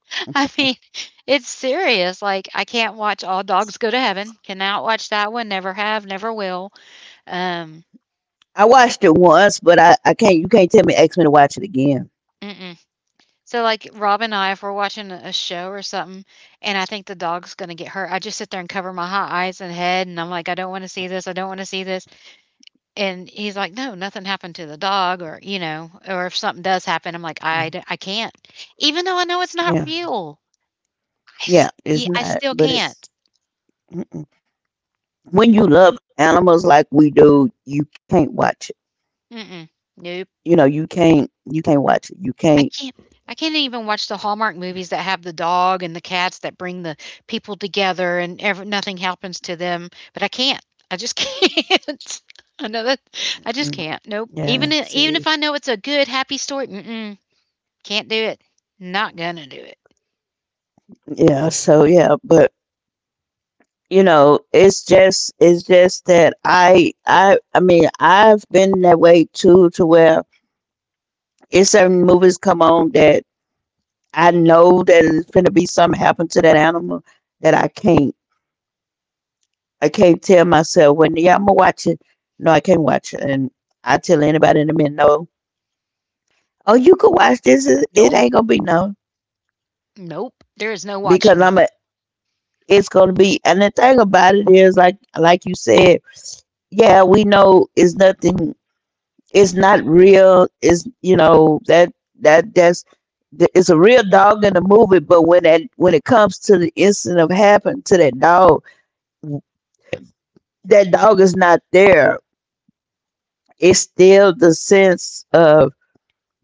[SPEAKER 2] <laughs> I mean, it's serious. Like, I can't watch All Dogs Go to Heaven, cannot watch that one, never have, never will. Um,
[SPEAKER 1] I watched it once, but I can't, you can't tell me ask me to watch it again.
[SPEAKER 2] mm-mm. So, like, Rob and I, if we're watching a show or something, and I think the dog's gonna get hurt, I just sit there and cover my hot eyes and head, and I'm like, "I don't wanna see this, I don't wanna see this." And he's like, "No, nothing happened to the dog," or, you know, or if something does happen, I'm like,
[SPEAKER 1] Mm,
[SPEAKER 2] I can't." Even though I know it's not
[SPEAKER 1] yeah,
[SPEAKER 2] real, I s
[SPEAKER 1] yeah, it's
[SPEAKER 2] yeah, I
[SPEAKER 1] not,
[SPEAKER 2] still
[SPEAKER 1] but it's.
[SPEAKER 2] can't.
[SPEAKER 1] Mm-mm. When you love animals like we do, you can't watch it.
[SPEAKER 2] Mm-mm. Nope.
[SPEAKER 1] You know you can't watch it you
[SPEAKER 2] I
[SPEAKER 1] can't.
[SPEAKER 2] can't I can't even watch the Hallmark movies that have the dog and the cats that bring the people together, and ever nothing happens to them, but I can't. I just <laughs> can't. I know that I just
[SPEAKER 1] Mm,
[SPEAKER 2] can't. Nope. Even
[SPEAKER 1] yeah
[SPEAKER 2] I even
[SPEAKER 1] see,
[SPEAKER 2] if I know it's a good, happy story, mm-mm, can't do it. Not gonna do it.
[SPEAKER 1] yeah so yeah but you know it's just that I mean I've been that way too to where it's certain movies come on that I know that it's gonna be something happen to that animal that I can't tell myself when yeah I'm gonna watch it. No I can't watch it, and I tell anybody in the minute no, oh you could watch this it it
[SPEAKER 2] Nope.
[SPEAKER 1] ain't gonna be no
[SPEAKER 2] Nope. There is no
[SPEAKER 1] because
[SPEAKER 2] watching.
[SPEAKER 1] I'm a it's going to be. And the thing about it is, like you said, yeah, we know it's nothing. It's not real. It's you know that that that's it's a real dog in the movie. But when that when it comes to the incident of happened to that dog is not there. It's still the sense of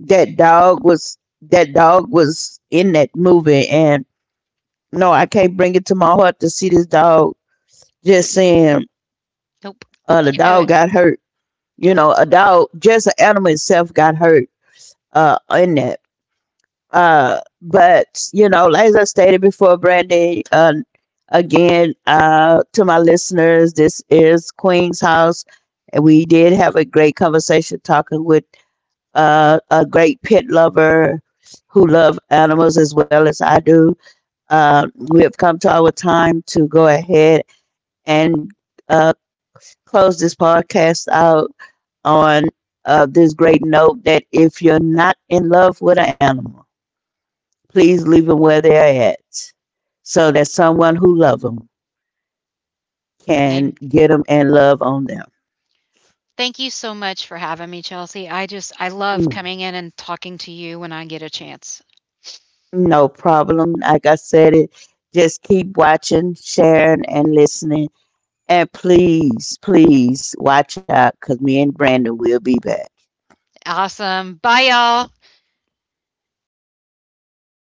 [SPEAKER 1] that dog was in that movie, and no, I can't bring it to my heart to see this dog just saying,
[SPEAKER 2] Nope.
[SPEAKER 1] the
[SPEAKER 2] Can't do
[SPEAKER 1] dog
[SPEAKER 2] it.
[SPEAKER 1] got hurt, you
[SPEAKER 2] Nope.
[SPEAKER 1] know a dog just an animal itself got hurt in that but you know like as I stated before, Brandy, again to my listeners, this is Queen's House. We did have a great conversation talking with a great pet lover who loves animals as well as I do. uh, we have come to our time to go ahead and, uh, close this podcast out on, this great note that if you're not in love with an animal, please leave them where they're at so that someone who loves them
[SPEAKER 2] Lame.
[SPEAKER 1] can get them and love on them.
[SPEAKER 2] Thank you so much for having me, Chelsea. I just— I love
[SPEAKER 1] Mm,
[SPEAKER 2] coming in and talking to you when I get a chance.
[SPEAKER 1] no problem. Like I said, it, just keep watching, sharing, and listening. And please, please watch out because me and Brandon will be back.
[SPEAKER 2] Awesome. Bye y'all.